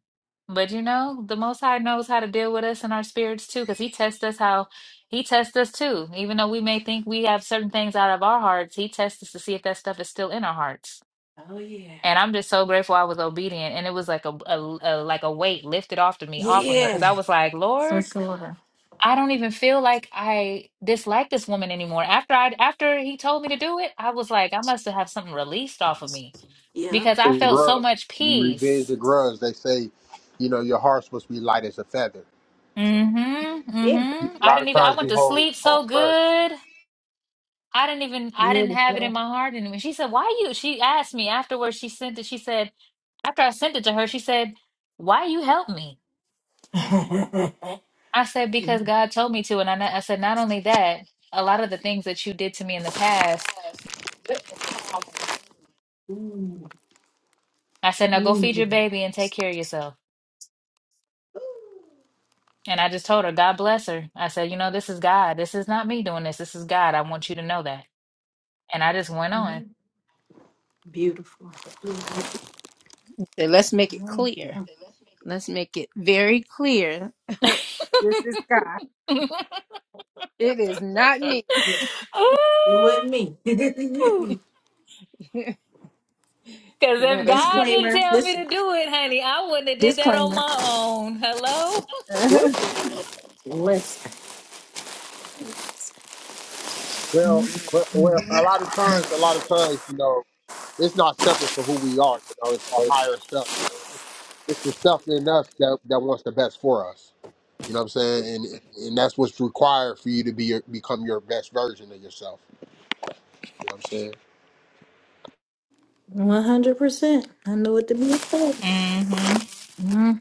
B: But you know, the Most High knows how to deal with us and our spirits too, because He tests us how He tests us too. Even though we may think we have certain things out of our hearts, He tests us to see if that stuff is still in our hearts.
C: Oh yeah.
B: And I'm just so grateful I was obedient, and it was like a, a, a like a weight lifted off of me, off of me,
C: Yeah.
B: because I was like,
C: For
B: Lord,
C: sure.
B: I don't even feel like I dislike this woman anymore. After I after He told me to do it, I was like, I must have something released off of me
C: Yep.
B: because I
E: And
B: felt so
E: grudge,
B: much
E: revenge,
B: peace.
E: and grudge. They say, you know, your heart's supposed to be light as a feather. So
B: Mm-hmm.
C: Yeah.
E: you-
B: Mm-hmm.
E: a
B: I
E: lot
B: didn't
E: of
B: even I
E: times
B: went
E: you
B: to
E: hold
B: sleep
E: hold
B: so
E: grudge.
B: good. I didn't even I didn't have it in
C: Beautiful.
B: my heart anymore. She said, Why you she asked me afterwards, she sent it, she said, after I sent it to her, she said, Why you help me? I said, Because God told me to. And I, I said, not only that, a lot of the things that you did to me in the past,
C: Ooh,
B: I said, Now go feed your
C: ooh.
B: baby and take care of yourself. And I just told her, God bless her. I said, you know, this is God. This is not me doing this. This is God. I want you to know that. And I just went on.
D: So let's make it clear. Let's make it very clear. this is God. It is not me.
C: Yeah, it wasn't me.
B: Ooh. Cause
D: Let
B: if
D: us be.
B: God didn't
C: disclaimer.
B: tell me
C: This
B: to do it, honey, I wouldn't have did that on
C: disclaimer.
B: my own. Hello?
C: What? Listen.
E: Well, well, well, a lot of times, a lot of times, you know, it's not separate for who we are. You know, it's our higher self. It's, it's the self in us that that wants the best for us. You know what I'm saying? And and that's what's required for you to be your, become your best version of yourself. You know what I'm saying?
B: hmm
C: hmm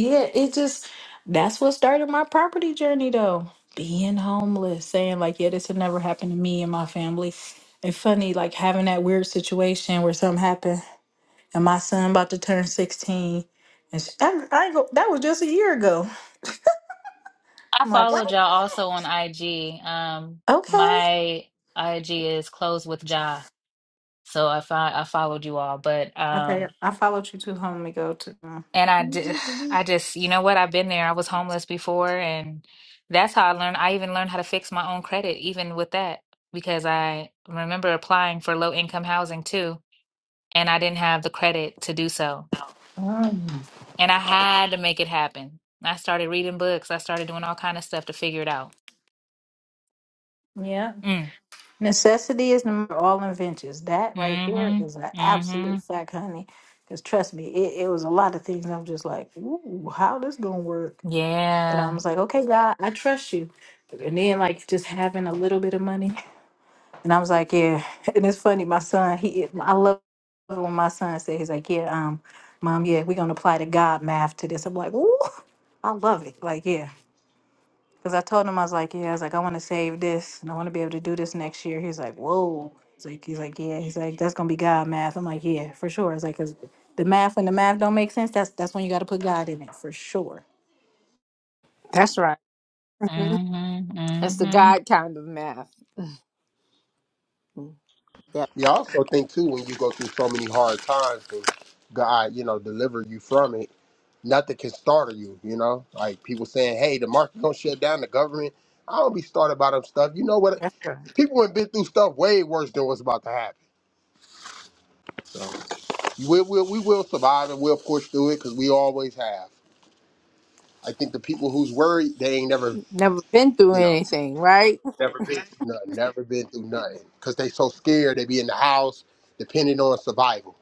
C: yeah, it just that's what started my property journey though. Being homeless, saying like, yeah, this had never happened to me and my family. And funny, like having that weird situation where something happened and my son about to turn 16. And sh I, I ain't go, that was just a year ago.
B: I
C: I'm like, wait
B: followed
C: a
B: y'all also on IG. Um
C: minute. Okay.
B: my IG is closed with Ja. So I fi- I followed you all. But
C: Okay,
B: um
C: I followed you to home to go to.
B: and I did I just you know what, I've been there. I was homeless before and that's how I learned I even learned how to fix my own credit even with that because I remember applying for low income housing too and I didn't have the credit to do so.
C: Um,
B: And I had to make it happen. I started reading books. I started doing all kind of stuff to figure it out.
C: yeah.
B: Mm.
C: Necessity is the mother of all inventions. That right there is an
B: Mm-hmm.
C: absolute
B: Mm-hmm.
C: fact, honey. Because trust me, it, it was a lot of things I'm just like, ooh, how this gonna work? But I
B: Yeah.
C: was like, okay, God, I trust you. And then like just having a little bit of money, and I was like, yeah. And it's funny, my son, he, I love when my son says, he's like, yeah, um, mom, yeah, we're gonna apply the God math to this. I'm like, ooh, I love it. Like, yeah. Because I told him I was like, yeah, I was like, I want to save this and I want to be able to do this next year. He's like, whoa. He's like, he's like, yeah. He's like, that's gonna be God math. I'm like, yeah, for sure. It's like, cause the math when the math don't make sense, that's that's when you got to put God in it for sure.
D: That's right.
B: Mm-hmm.
D: That's the
B: Mm-hmm.
D: God kind of math. Mm, Yep.
E: Yeah, I also think too when you go through so many hard times and God, you know, deliver you from it, nothing can startle you, you know? Like people saying, Hey, the market gonna shut down, the government. I don't be started by them stuff. You know what
D: That's right.
E: people have been through stuff way worse than what's about to happen. So we will we will survive and we'll push through it because we always have. I think the people who's worried, they ain't never,
D: Never been through
E: you know,
D: anything, right?
E: never been through nothing, never been through nothing. Cause they so scared they be in the house depending on survival.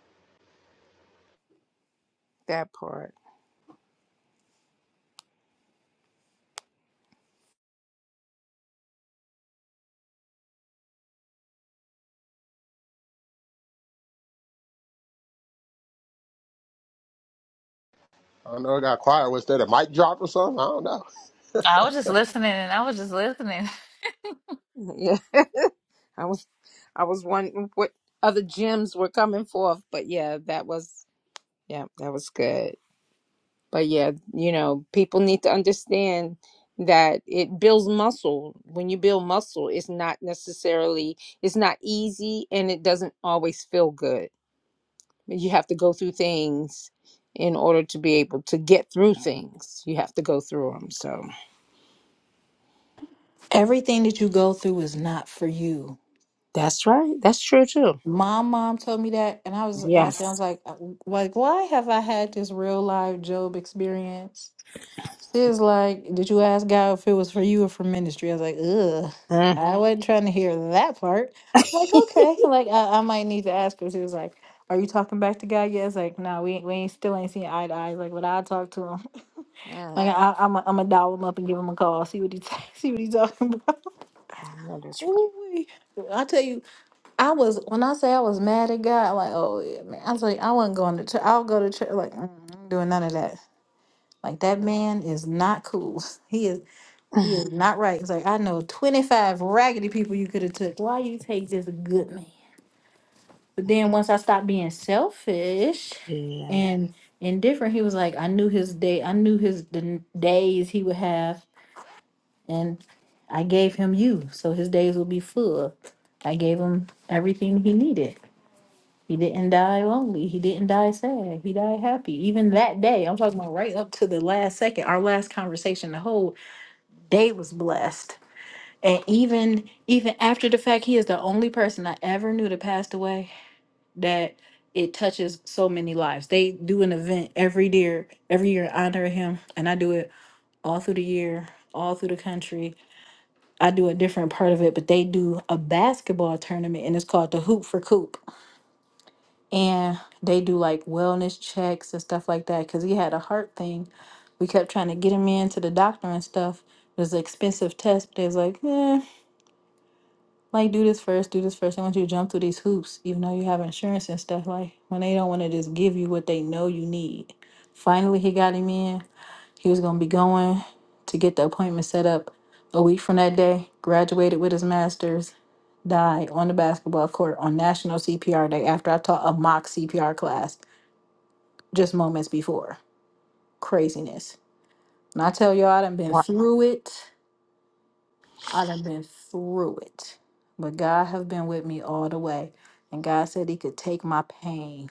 D: That part.
E: I don't know. It got quiet. Was that a mic drop or something? I don't know.
B: I was just listening and I was just listening.
D: Yeah. I was. I was wondering what other gems were coming forth, but yeah, that was yeah, that was good. But yeah, you know, people need to understand that it builds muscle. When you build muscle, it's not necessarily it's not easy and it doesn't always feel good. You have to go through things in order to be able to get through things. You have to go through them. So
C: Everything that you go through is not for you.
D: that's right. That's true too.
C: My mom told me that, and I was asking, I was
D: Yes.
C: like, uh, like, why have I had this real life Job experience? She was like, Did you ask God if it was for you or for ministry? I was like, Ugh,
D: Mm.
C: I wasn't trying to hear that part. I'm like, okay, like I, I might need to ask her. She was like, Are you talking back to God yet? It's like, no, we ain't, we ain't still ain't seen eye to eye. Like, but I talk to him.
D: Mm.
C: Like, I, I'm i I'm gonna dial him up and give him a call. See what he t- see what he's talking about.
D: I know that's
C: Ooh-wee. I tell you, I was when I say I was mad at God, I'm like, oh yeah, man. I was like, I wasn't going to church. I'll go to church. Like, mm, I ain't doing none of that. Like that man is not cool. He is. He
D: right.
C: is not right. It's like I know twenty five raggedy people you could have took. Why you take this good man? But then once I stopped being selfish
D: Yeah.
C: and indifferent, he was like, I knew his day. I knew his the n- days he would have, and I gave him you, so his days would be full. I gave him everything he needed. He didn't die lonely. He didn't die sad. He died happy. Even that day, I'm talking about right up to the last second, our last conversation, the whole day was blessed And even even after the fact, he is the only person I ever knew that passed away that it touches so many lives. They do an event every year, every year in honor of him, and I do it all through the year, all through the country. I do a different part of it, but they do a basketball tournament and it's called the Hoop for Coop. And they do like wellness checks and stuff like that because he had a heart thing. We kept trying to get him in to the doctor and stuff. It was an expensive test, but they was like, eh. like do this first, do this first. They want you to jump through these hoops, even though you have insurance and stuff. Like when they don't want to just give you what they know you need. Finally, he got him in. He was gonna be going to get the appointment set up a week from that day. Graduated with his master's. Died on the basketball court on National CPR Day after I taught a mock CPR class just moments before. Craziness. And I tell y'all, I done been through it. I done been through it. But God have been with me all the way. And God said he could take my pain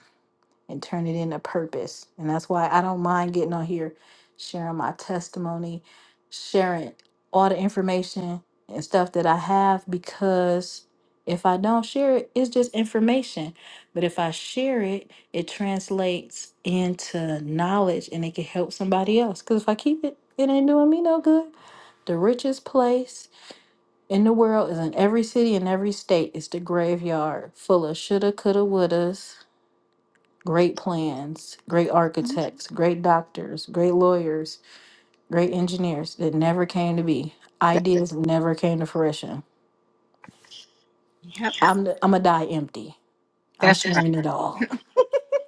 C: and turn it into purpose. And that's why I don't mind getting on here, sharing my testimony, sharing all the information and stuff that I have because if I don't share it, it's just information. But if I share it, it translates into knowledge and it can help somebody else. Because if I keep it, it ain't doing me no good. The richest place in the world is in every city and every state is the graveyard full of shoulda coulda wouldas great plans great
D: That-
C: architects great doctors great lawyers great engineers that never came to be ideas never came to fruition
D: yep,
C: i'm i'm gonna die empty i'm
D: that's right.
C: sharing it all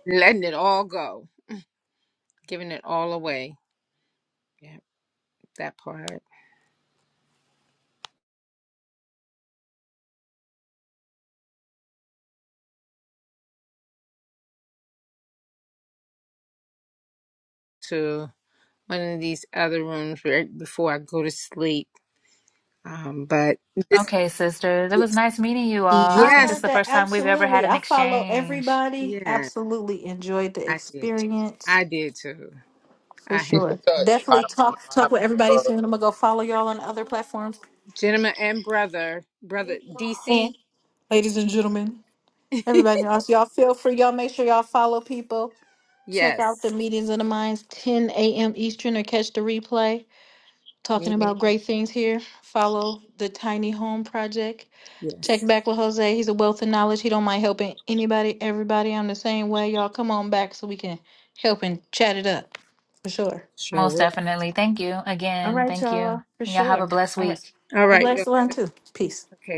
D: Letting it all go, giving it all away. Yep, that part. To one of these other rooms right before I go to sleep. Um, but this,
B: Okay, sisters. It was
D: yes,
B: nice meeting you all. I
C: i
B: think it's
C: heard
D: yes,
B: the
C: that
B: first time we've ever had
C: absolutely
B: an
C: i follow
B: exchange.
C: everybody
D: yes,
C: absolutely enjoyed the
D: I did.
C: experience
D: I did too.
C: for
D: I,
E: Keep in
C: sure
E: touch. I
C: definitely
E: have some.
C: talk
E: I
C: talk
E: have
C: with everybody
E: some.
C: soon i'm gonna go follow y'all on other platforms
D: gentleman and brother, brother DC.
C: ladies and gentlemen, everybody else, y'all feel free. Y'all make sure y'all follow people. Check
D: yes,
C: out the meetings of the minds, 10 a.m. Eastern, or catch the replay. Talking
D: me,
C: about great things here. Follow the Tiny Home Project. Check
D: yes,
C: back with Jose. He's a wealth of knowledge. He don't mind helping anybody, everybody. I'm the same way. Y'all come on back so we can help and chat it up. For sure.
D: sure
B: Most
D: will.
B: definitely. Thank you
C: All
B: again.
C: right,
B: Thank you.
C: y'all. For
B: And y'all have
C: sure.
B: a blessed
C: All
B: week.
C: right.
D: All
C: A
D: right,
C: blessed one
D: yeah,
C: too. Peace.
D: okay.